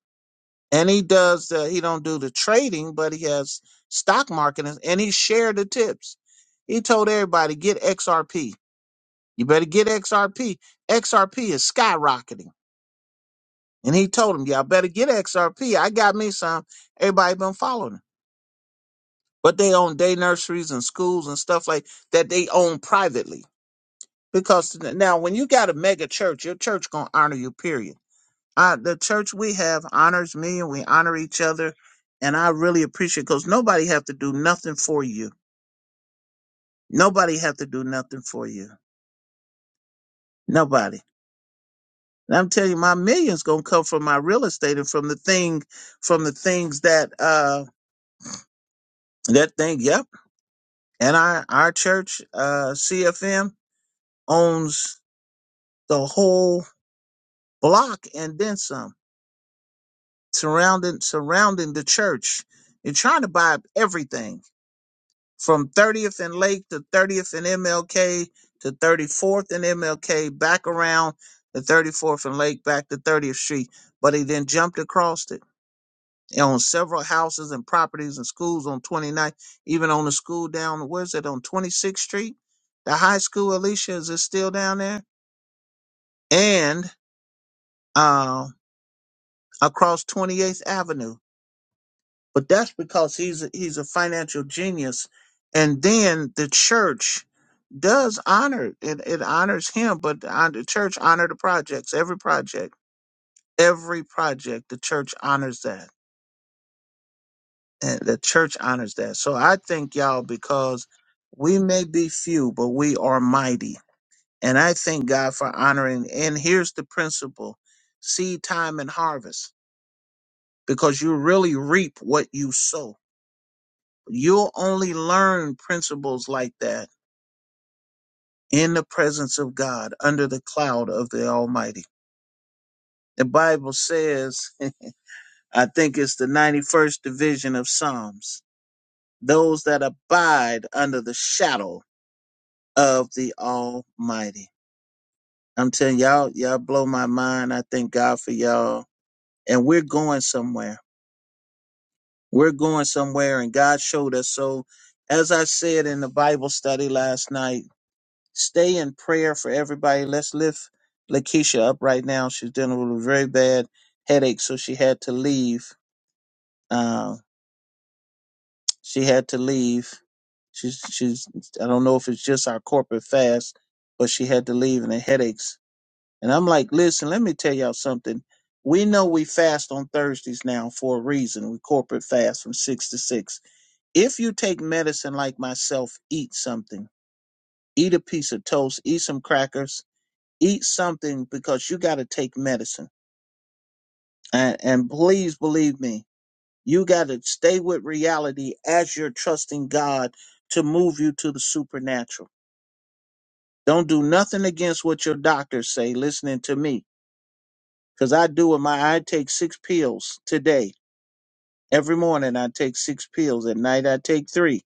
S3: And he does the, he don't do the trading, but he has stock market and and he shared the tips. He told everybody get XRP you better get XRP. XRP is skyrocketing. And he told him, Y'all better get XRP. I got me some. Everybody been following him. But they own day nurseries and schools and stuff like that they own privately. Because now when you got a mega church, your church gonna honor you, period. Uh, the church we have honors me and we honor each other. And I really appreciate because nobody have to do nothing for you. Nobody have to do nothing for you. Nobody. And I'm telling you, my millions gonna come from my real estate and from the thing, from the things that uh that thing. Yep. And our our church, uh, CFM owns the whole block and then some, surrounding surrounding the church. You're trying to buy up everything from 30th and Lake to 30th and MLK to 34th and MLK back around the 34th and Lake back to 30th Street. But he then jumped across it They own several houses and properties and schools on 29th, even on the school down, where's it, on 26th Street? The high school, Alicia, is it still down there? And uh, across 28th Avenue. But that's because he's a, he's a financial genius. And then the church does honor it. It honors him, but the uh, the church honor the projects, every project, every project. The church honors that and the church honors that. So I thank y'all because we may be few, but we are mighty. And I thank God for honoring. And here's the principle seed time and harvest, because you really reap what you sow. You'll only learn principles like that in the presence of God under the cloud of the Almighty. The Bible says, I think it's the 91st division of Psalms, those that abide under the shadow of the Almighty. I'm telling y'all, y'all blow my mind. I thank God for y'all. And we're going somewhere. We're going somewhere, and God showed us. So, as I said in the Bible study last night, stay in prayer for everybody. Let's lift Lakeisha up right now. She's dealing with a very bad headache, so she had to leave. Uh, she had to leave. She's, she's, I don't know if it's just our corporate fast, but she had to leave and the headaches. And I'm like, listen, let me tell y'all something. We know we fast on Thursdays now for a reason. We corporate fast from six to six. If you take medicine like myself, eat something. Eat a piece of toast, eat some crackers, eat something because you got to take medicine. And, and please believe me, you got to stay with reality as you're trusting God to move you to the supernatural. Don't do nothing against what your doctors say, listening to me, because I do it. My I take six pills today Every morning I take six pills. At night I take three.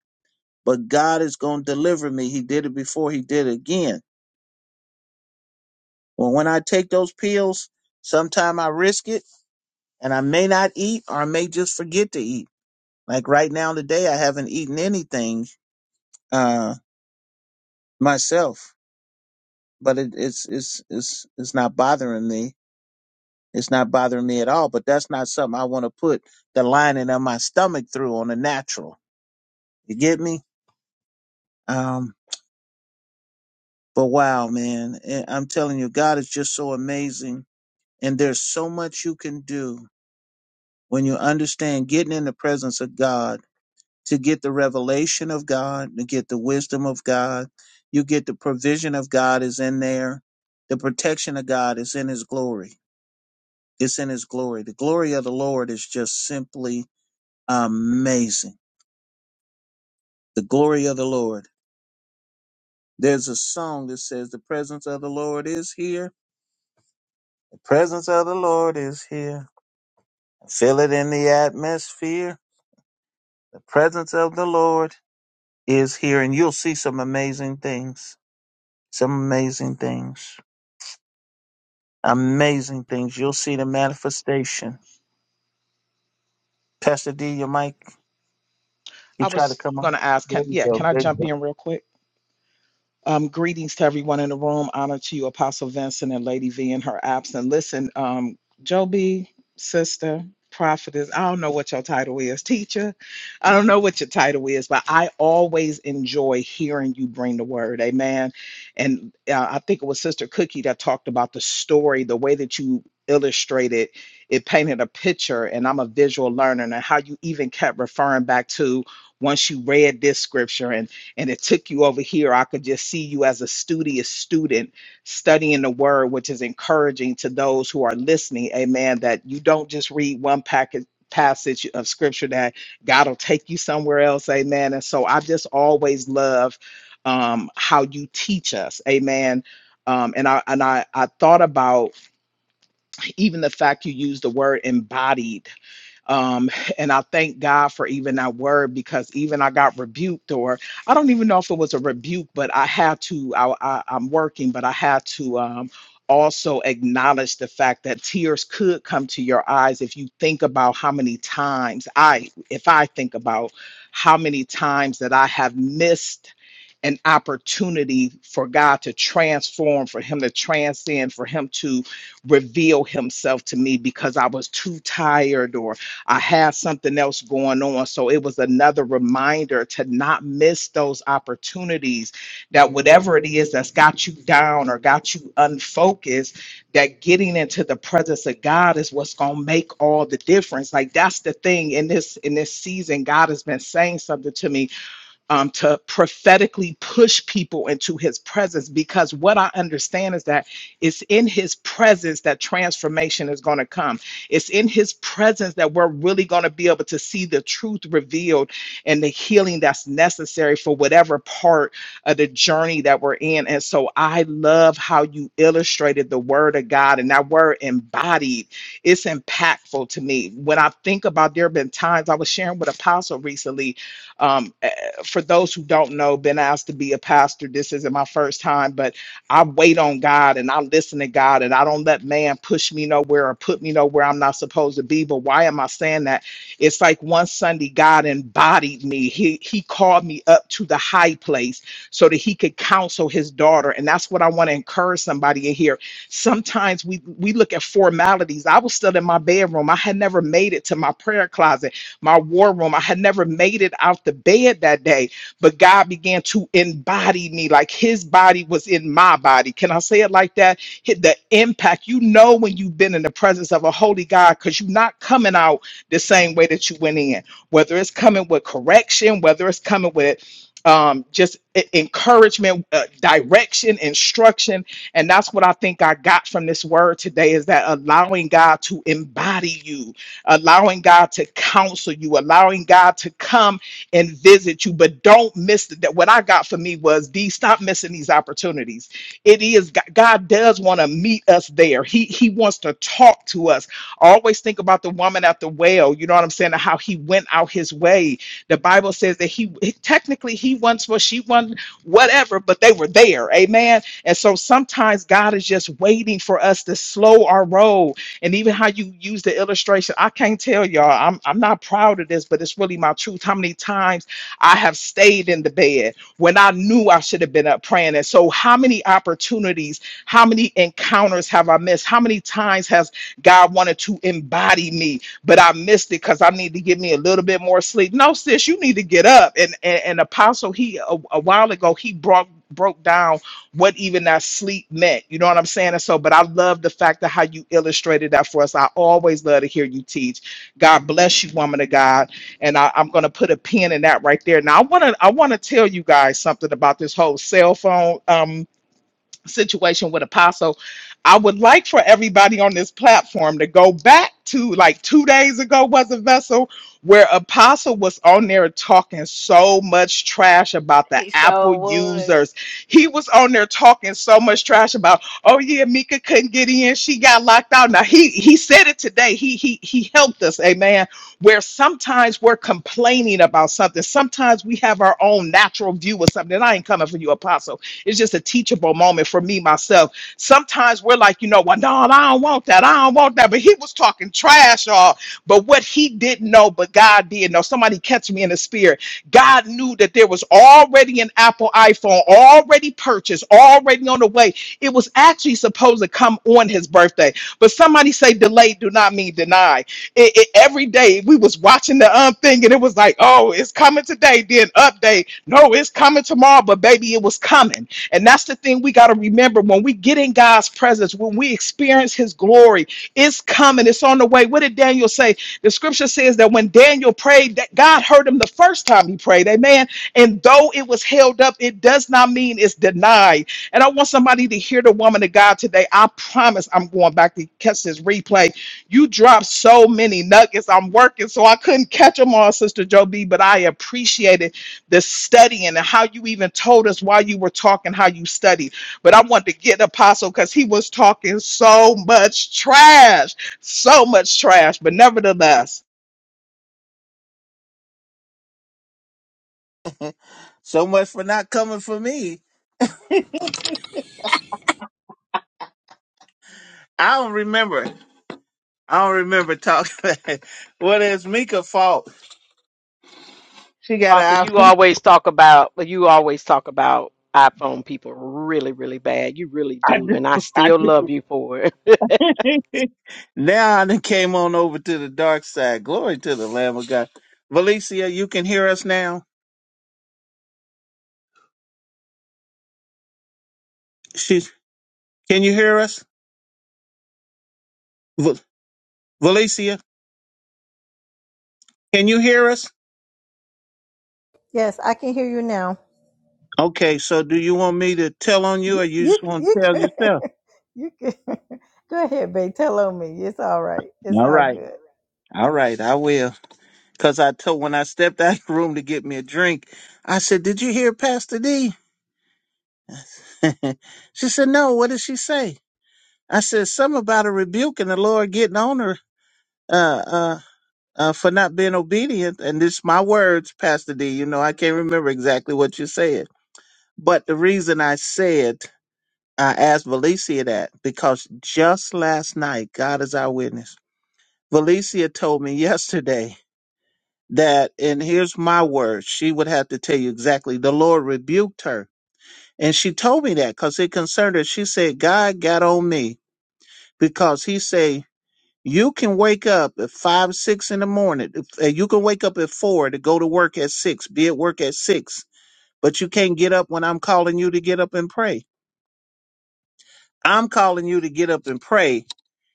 S3: But God is going to deliver me. He did it before. He did it again. Well, when I take those pills, sometime I risk it and I may not eat or I may just forget to eat. Like right now today, I haven't eaten anything, uh, myself, but it, it's, it's, it's, it's not bothering me. It's not bothering me at all, but that's not something I want to put the lining of my stomach through on the natural. You get me? Um, But wow, man, eh, I'm telling you, God is just so amazing. And there's so much you can do when you understand getting in the presence of God to get the revelation of God, to get the wisdom of God. You get the provision of God is in there. The protection of God is in his glory. It's in his glory. The glory of the Lord is just simply amazing. The glory of the Lord. There's a song that says, The presence of the Lord is here. The presence of the Lord is here. Feel it in the atmosphere. The presence of the Lord is here, and you'll see some amazing things. Some amazing things. Amazing things. You'll see the manifestation. Pastor D, your mic, you
S2: I
S3: try to
S2: was
S3: come on.
S2: gonna ask,
S3: There
S2: can
S3: you
S2: yeah,
S3: go.
S2: can I
S3: There you
S2: jump
S3: go.
S2: in real quick? Um, greetings to everyone in the room. Honor to you, Apostle Vincent and Lady V in her absence. Listen, um, Joby, sister, prophetess, I don't know what your title is, teacher. I don't know what your title is, but I always enjoy hearing you bring the word. Amen. And uh, I think it was Sister Cookie that talked about the story, the way that you illustrated it painted a picture and i'm a visual learner and how you even kept referring back to once you read this scripture and and it took you over here. I could just see you as a studious student studying the word, which is encouraging to those who are listening. Amen. That you don't just read one package passage of scripture that God will take you somewhere else. Amen. And so I just always love um, how you teach us. Amen. Um, and I and I, I thought about even the fact you used the word embodied um, and I thank God for even that word because even I got rebuked, or I don't even know if it was a rebuke, but I had to, I, I, I'm working, but I had to um, also acknowledge the fact that tears could come to your eyes if you think about how many times I, if I think about how many times that I have missed an opportunity for God to transform, for Him to transcend, for Him to reveal Himself to me because I was too tired or I have something else going on. So it was another reminder to not miss those opportunities that whatever it is that's got you down or got you unfocused, that getting into the presence of God is what's going to make all the difference. Like that's the thing in this in this season God has been saying something to me um, to prophetically push people into his presence because what I understand is that it's in his presence that transformation is going to come. It's in his presence that we're really going to be able to see the truth revealed and the healing that's necessary for whatever part of the journey that we're in. And so I love how you illustrated the word of God and that word embodied. It's impactful to me. When I think about there have been times I was sharing with Apostle recently um, for those who don't know, been asked to be a pastor. This isn't my first time, but I wait on God and I listen to God and I don't let man push me nowhere or put me nowhere I'm not supposed to be. But why am I saying that? It's like one Sunday God embodied me. He he called me up to the high place so that he could counsel his daughter. And that's what I want to encourage somebody in here. Sometimes we we look at formalities. I was still in my bedroom. I had never made it to my prayer closet my war room. I had never made it out the bed that day, but God began to embody me like his body was in my body. Can I say it like that? Hit The impact, you know, when you've been in the presence of a holy God, because you're not coming out the same way that you went in, whether it's coming with correction, whether it's coming with um, just e- encouragement, uh, direction, instruction. And that's what I think I got from this word today is that allowing God to embody you allowing God to counsel you, allowing God to come and visit you. But don't miss that. What I got for me was these. Stop missing these opportunities. It is G- God does want to meet us there. He He wants to talk to us. I always think about the woman at the well. You know what I'm saying? and How he went out his way. The Bible says that he technically he once was she one whatever, but they were there. Amen. And so sometimes God is just waiting for us to slow our roll and even how you use the illustration i can't tell y'all i'm i'm not proud of this but it's really my truth how many times i have stayed in the bed when i knew i should have been up praying and so how many opportunities how many encounters have i missed how many times has god wanted to embody me but i missed it because i need to give me a little bit more sleep no sis you need to get up and and, and apostle he a, a while ago he brought broke down what even that sleep meant. You know what I'm saying? And so, but I love the fact of how you illustrated that for us. I always love to hear you teach. God bless you, woman of God. And I, I'm gonna put a pin in that right there. Now I wanna I wanna tell you guys something about this whole cell phone. um, situation with Apostle, I would like for everybody on this platform to go back to like two days ago was a vessel where Apostle was on there talking so much trash about the
S1: He
S2: Apple
S1: sure was.
S2: users. He was on there talking so much trash about, oh yeah, Mika couldn't get in, she got locked out. Now he he said it today. He he he helped us, amen. Where sometimes we're complaining about something. Sometimes we have our own natural view of something. And I ain't coming for you, Apostle it's just a teachable moment for me myself. Sometimes we're like, you know, well, no, I don't want that. I don't want that. But he was talking trash, y'all. But what he didn't know, but God did know. Somebody catch me in the spirit. God knew that there was already an Apple iPhone, already purchased, already on the way. It was actually supposed to come on his birthday. But somebody say delayed do not mean deny. It, it- every day we was watching the um thing and it was like, oh, it's coming today. Then update. No, it's coming tomorrow. But baby, it was coming. And that's the thing we got to remember when we get in God's presence, when we experience his glory, it's coming, it's on the way. What did Daniel say? The scripture says that when Daniel prayed, that God heard him the first time he prayed. Amen. And though it was held up, it does not mean it's denied. And I want somebody to hear the woman of God today. I promise I'm going back to catch this replay. You dropped so many nuggets. I'm working, so I couldn't catch them all, Sister Joe B, but I appreciate it the studying and how you even told us why you were talking, how you studied. But I wanted to get Apostle because he was talking so much trash, so much trash. But nevertheless.
S3: So much for not coming for me. I don't remember. I don't remember talking. what is Mika fault? She got
S8: Apostle,
S3: an
S8: you always talk about well, you always talk about iPhone people really, really bad. You really do,
S3: iPhone.
S8: and I
S3: I
S8: still
S3: do.
S8: love you for it.
S3: now I done came on over to the dark side. Glory to the Lamb of God. Valicia, you can hear us now. She's, can you hear us? V- Valicia, can you hear us?
S9: Yes, I can hear you now.
S3: Okay, so do you want me to tell on you
S9: You
S3: or you
S9: you
S3: just want
S9: you
S3: to tell
S9: can
S3: yourself?
S9: you can go ahead, babe. Tell on me. It's all right. It's
S3: All
S9: all
S3: right.
S9: good.
S3: All right, I will. Because I told when I stepped out of the room to get me a drink, I said, Did you hear Pastor D? she said, No, what did she say? I said, Something about a rebuke and the Lord getting on her. Uh. uh, uh, for not being obedient. And this my words, Pastor D. You know, I can't remember exactly what you said, but the reason I said I asked Valencia that because just last night, God is our witness. Valencia told me yesterday that, and here's my words. She would have to tell you exactly. The Lord rebuked her, and she told me that because it concerned her. She said, "God got on me because He said." You can wake up at five, six in the morning. Uh, You can wake up at four to go to work at six, be at work at six, but you can't get up when I'm calling you to get up and pray. I'm calling you to get up and pray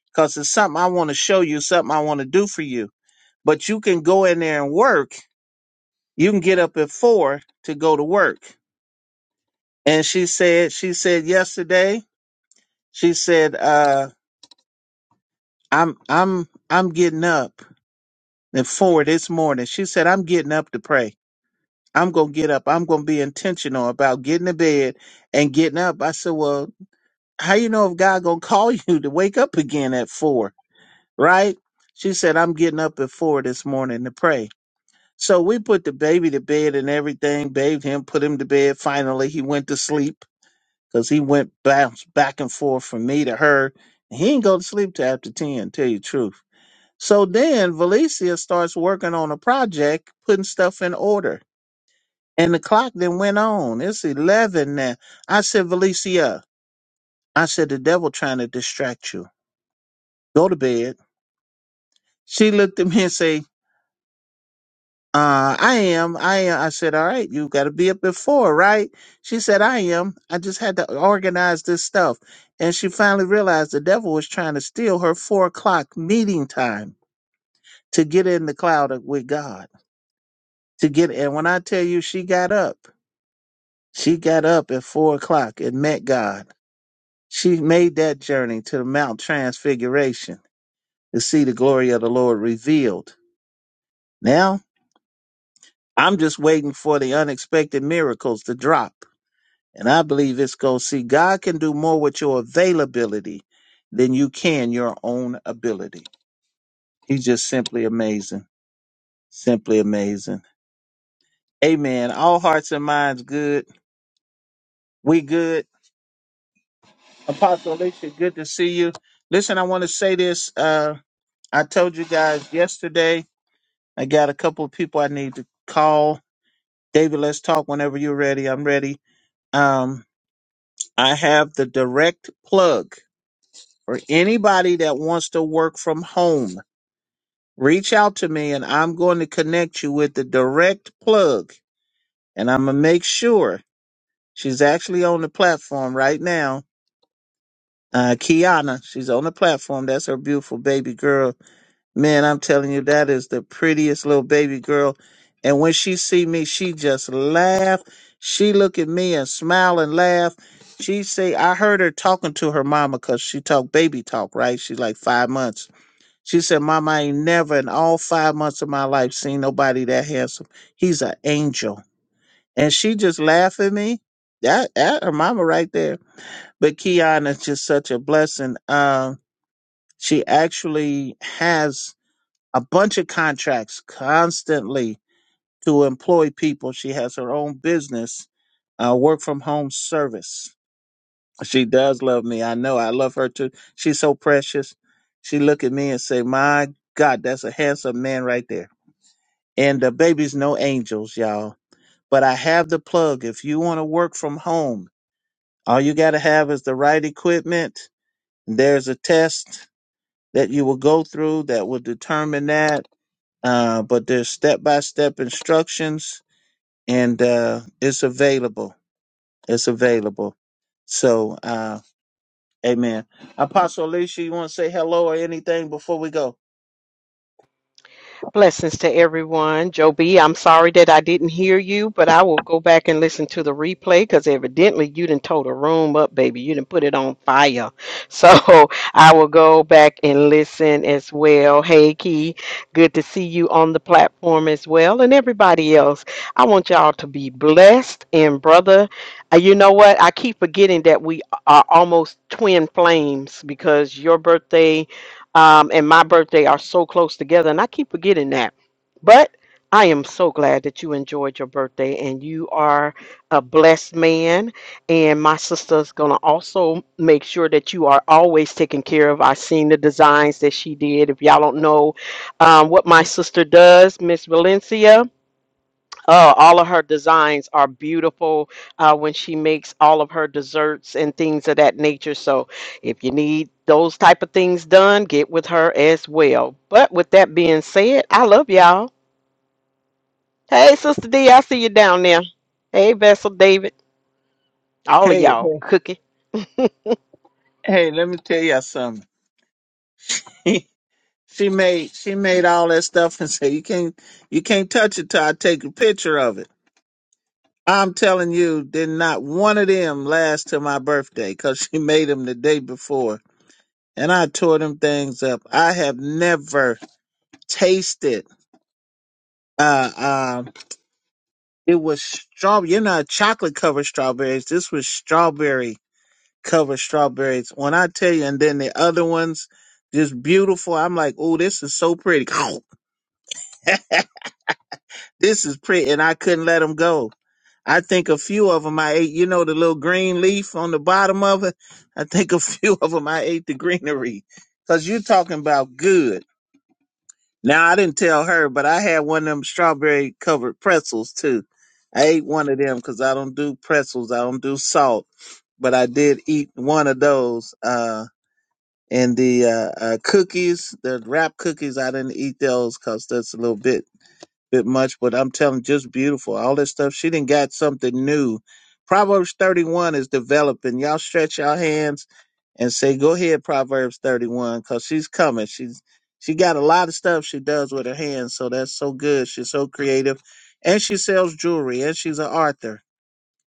S3: because it's something I want to show you, something I want to do for you. But you can go in there and work. You can get up at four to go to work. And she said, she said yesterday, she said, uh, I'm, I'm, I'm getting up at four this morning. She said, I'm getting up to pray. I'm gonna get up. I'm gonna be intentional about getting to bed and getting up. I said, Well, how you know if God gonna call you to wake up again at four? Right? She said, I'm getting up at four this morning to pray. So we put the baby to bed and everything, bathed him, put him to bed. Finally, he went to sleep because he went bounce back and forth from me to her. He ain't go to sleep till after 10, tell you the truth. So then Valencia starts working on a project, putting stuff in order and the clock then went on. It's 11 now. I said, Valicia, I said, the devil trying to distract you. Go to bed. She looked at me and say, uh, I am. I am. I said, all right, you got to be up at four, right? She said, I am. I just had to organize this stuff. And she finally realized the devil was trying to steal her four o'clock meeting time to get in the cloud with God. To get, and when I tell you she got up, she got up at four o'clock and met God She made that journey to the Mount Transfiguration to see the glory of the Lord revealed. Now, I'm just waiting for the unexpected miracles to drop. And I believe it's going to see God can do more with your availability than you can your own ability. He's just simply amazing. Simply amazing. Amen. All hearts and minds good. We good. Apostle Alicia, good to see you. Listen, I want to say this. Uh, I told you guys yesterday I got a couple of people I need to call. David, let's talk whenever you're ready. I'm ready. Um, I have the direct plug for anybody that wants to work from home. Reach out to me and I'm going to connect you with the direct plug. And I'm going to make sure she's actually on the platform right now. Uh, Kiana, she's on the platform. That's her beautiful baby girl Man, I'm telling you, that is the prettiest little baby girl. And when she see me, she just laugh. She look at me and smile and laugh. She say, I heard her talking to her mama because she talk baby talk, right? She's like five months. She said, Mama, I ain't never in all five months of my life seen nobody that handsome. He's an angel. And she just laugh at me. That, that her mama right there. But Kiana is just such a blessing. Um, she actually has a bunch of contracts constantly to employ people. She has her own business, uh, work from home service. She does love me. I know I love her too. She's so precious. She look at me and say, my God, that's a handsome man right there. And the baby's no angels, y'all. But I have the plug. If you want to work from home, all you got to have is the right equipment. There's a test that you will go through that will determine that uh, but there's step by step instructions and uh, it's available. It's available. So, uh, amen. Apostle Alicia, you want to say hello or anything before we go?
S8: Blessings to everyone. Joe B, I'm sorry that I didn't hear you, but I will go back and listen to the replay because evidently you didn't tow the room up, baby. You didn't put it on fire. So I will go back and listen as well. Hey, Key, good to see you on the platform as well. And everybody else, I want y'all to be blessed. And, brother, uh, you know what? I keep forgetting that we are almost twin flames because your birthday um, and my birthday are so close together, and I keep forgetting that. But I am so glad that you enjoyed your birthday, and you are a blessed man. And my sister's gonna also make sure that you are always taken care of. I've seen the designs that she did. If y'all don't know um, what my sister does, Miss Valencia, Oh, all of her designs are beautiful uh, when she makes all of her desserts and things of that nature. So if you need those type of things done, get with her as well. But with that being said, I love y'all. Hey, Sister D, I see you down there. Hey, Vessel David, all of
S3: Hey,
S8: y'all
S3: hey,
S8: cooking.
S3: hey, let me tell you something. She made she made all that stuff and said you can't you can't touch it till I take a picture of it. I'm telling you, did not one of them last till my birthday because she made them the day before, and I tore them things up. I have never tasted. Uh, uh, it was strawberry. You know, chocolate covered strawberries. This was strawberry covered strawberries. When I tell you, and then the other ones, just beautiful. I'm like, oh, this is so pretty. This is pretty, and I couldn't let them go I think a few of them I ate. You know the little green leaf on the bottom of it. I think a few of them I ate the greenery. Cause you're talking about good. Now I didn't tell her, but I had one of them strawberry covered pretzels too. I ate one of them because I don't do pretzels. I don't do salt, but I did eat one of those. Uh, and the uh, uh, cookies, the wrap cookies, I didn't eat those because that's a little bit bit much, but I'm telling just beautiful. All that stuff. She didn't got something new. Proverbs 31 is developing. Y'all stretch y'all hands and say, go ahead, Proverbs 31, because she's coming. She's she got a lot of stuff she does with her hands, so that's so good. She's so creative. And she sells jewelry and she's an author.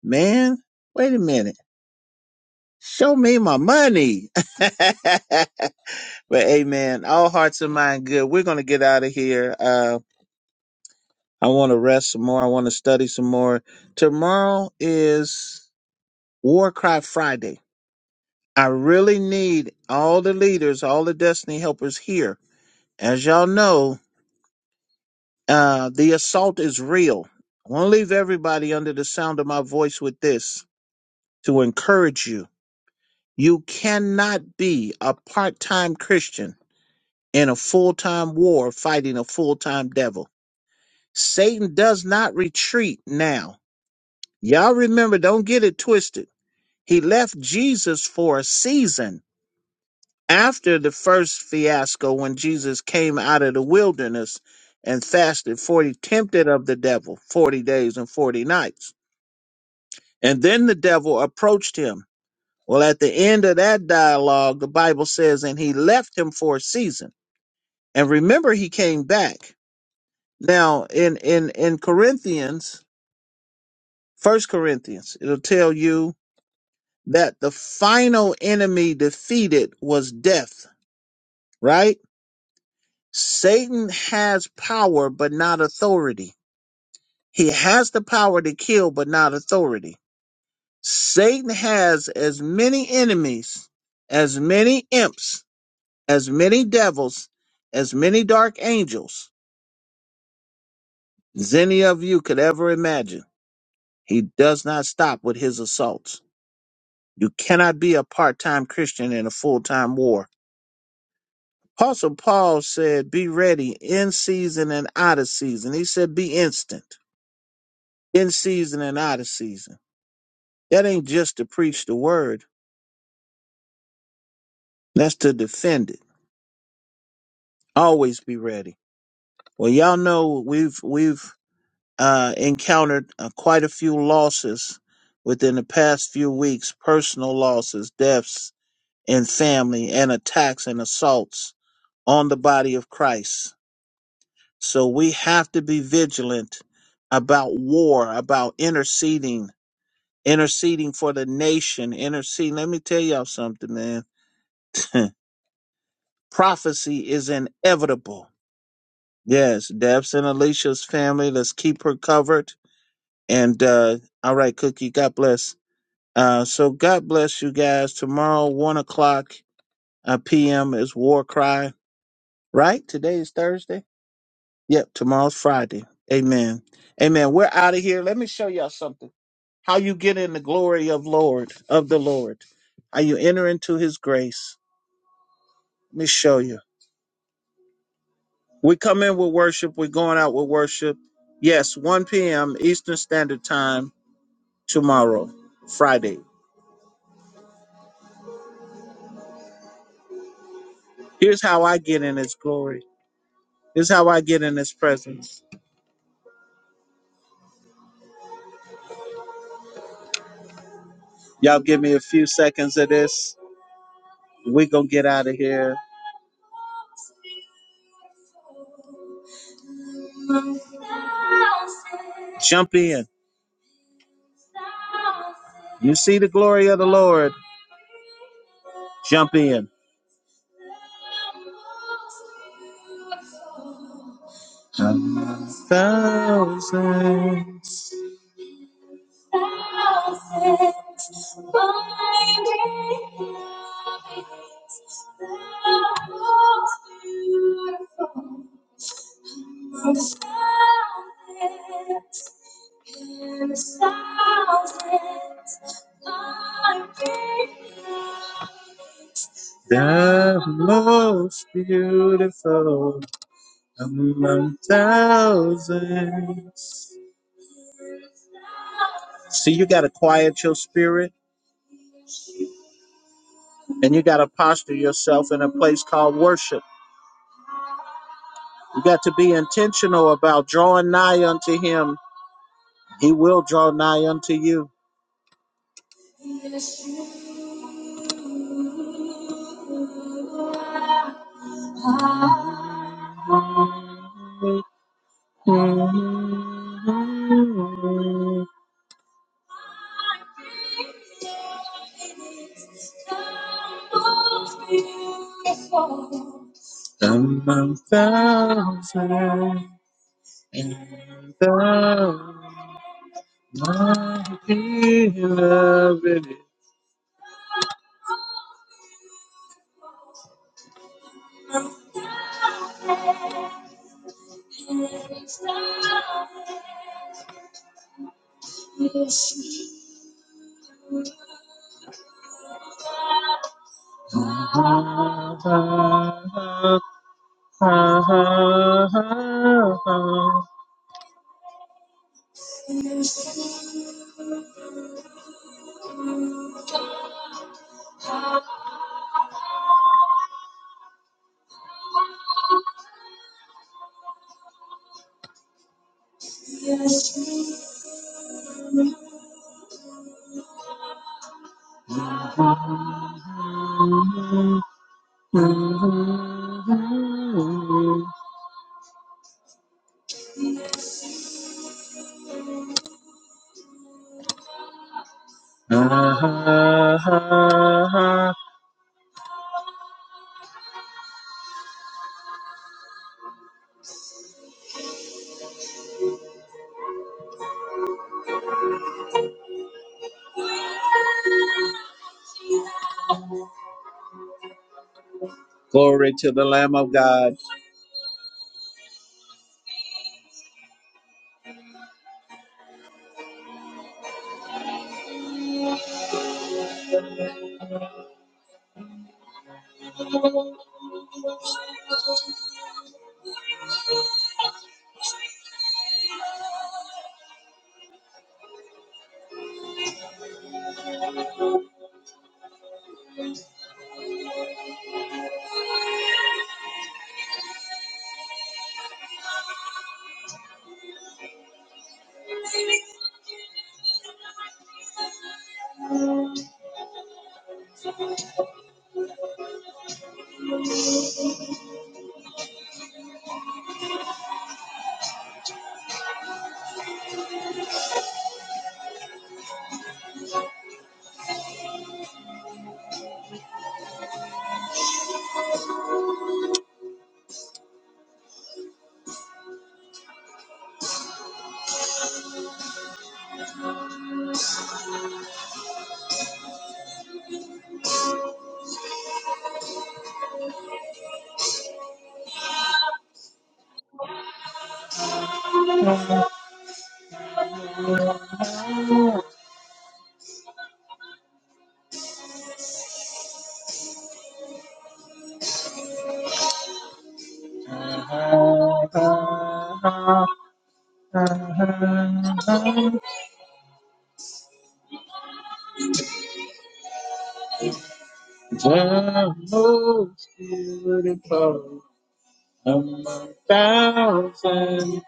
S3: Man, wait a minute. Show me my money. but amen. All hearts and mind good. We're gonna get out of here. Uh I want to rest some more. I want to study some more. Tomorrow is War Cry Friday. I really need all the leaders, all the destiny helpers here. As y'all know, uh, the assault is real. I want to leave everybody under the sound of my voice with this to encourage you. You cannot be a part time Christian in a full time war fighting a full time devil. Satan does not retreat now. Y'all remember, don't get it twisted. He left Jesus for a season after the first fiasco when Jesus came out of the wilderness and fasted 40, tempted of the devil 40 days and 40 nights. And then the devil approached him. Well, at the end of that dialogue, the Bible says, and he left him for a season. And remember, he came back. Now, in, in, in Corinthians, First Corinthians, it'll tell you that the final enemy defeated was death, right? Satan has power, but not authority. He has the power to kill, but not authority. Satan has as many enemies, as many imps, as many devils, as many dark angels as any of you could ever imagine. He does not stop with his assaults. You cannot be a part time Christian in a full time war. Apostle Paul said, Be ready in season and out of season. He said, Be instant. in season and out of season. That ain't just to preach the word. That's to defend it. Always be ready. Well, y'all know we've we've uh, encountered uh, quite a few losses within the past few weeks: personal losses, deaths in family, and attacks and assaults on the body of Christ. So we have to be vigilant about war, about interceding, interceding for the nation, interceding. Let me tell y'all something, man. Prophecy is inevitable. Yes, Deb's and Alicia's family. Let's keep her covered. And uh, all right, Cookie. God bless. Uh, so God bless you guys. Tomorrow, one o'clock uh, p.m. is War Cry. Right? Today is Thursday. Yep. Tomorrow's Friday. Amen. Amen. We're out of here. Let me show y'all something. How you get in the glory of Lord of the Lord. How you enter into His grace. Let me show you. We come in with worship. We're going out with worship. Yes, 1 p.m. Eastern Standard Time tomorrow, Friday. Here's how I get in His glory. Here's how I get in His presence. Y'all give me a few seconds of this. We're going to get out of here. Jump in. You see the glory of the Lord. Jump in. A Thousand, most beautiful among thousands. See, you got to quiet your spirit and you got to posture yourself in a place called worship. You got to be intentional about drawing nigh unto Him. He will draw nigh unto you. Among thousands and thousands, my beloved is mine. Glory to the Lamb of God. The most among thousands,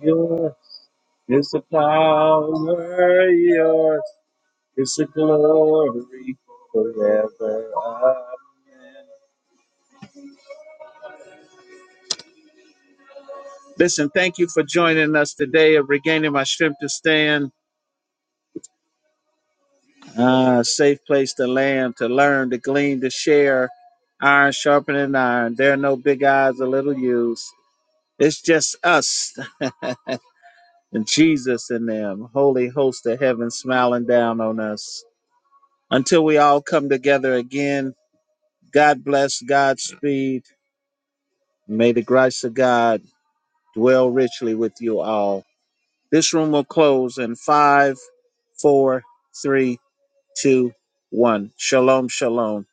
S3: yours is the power, yours is the glory forever. Amen. Listen, thank you for joining us today of regaining my strength to stand. Uh, safe place to land, to learn, to glean, to share. Iron sharpening iron. There are no big eyes or little U's. It's just us. and Jesus in them, holy host of heaven smiling down on us. Until we all come together again, God bless, Godspeed. May the grace of God dwell richly with you all. This room will close in five, four, three, two, one. Shalom, shalom.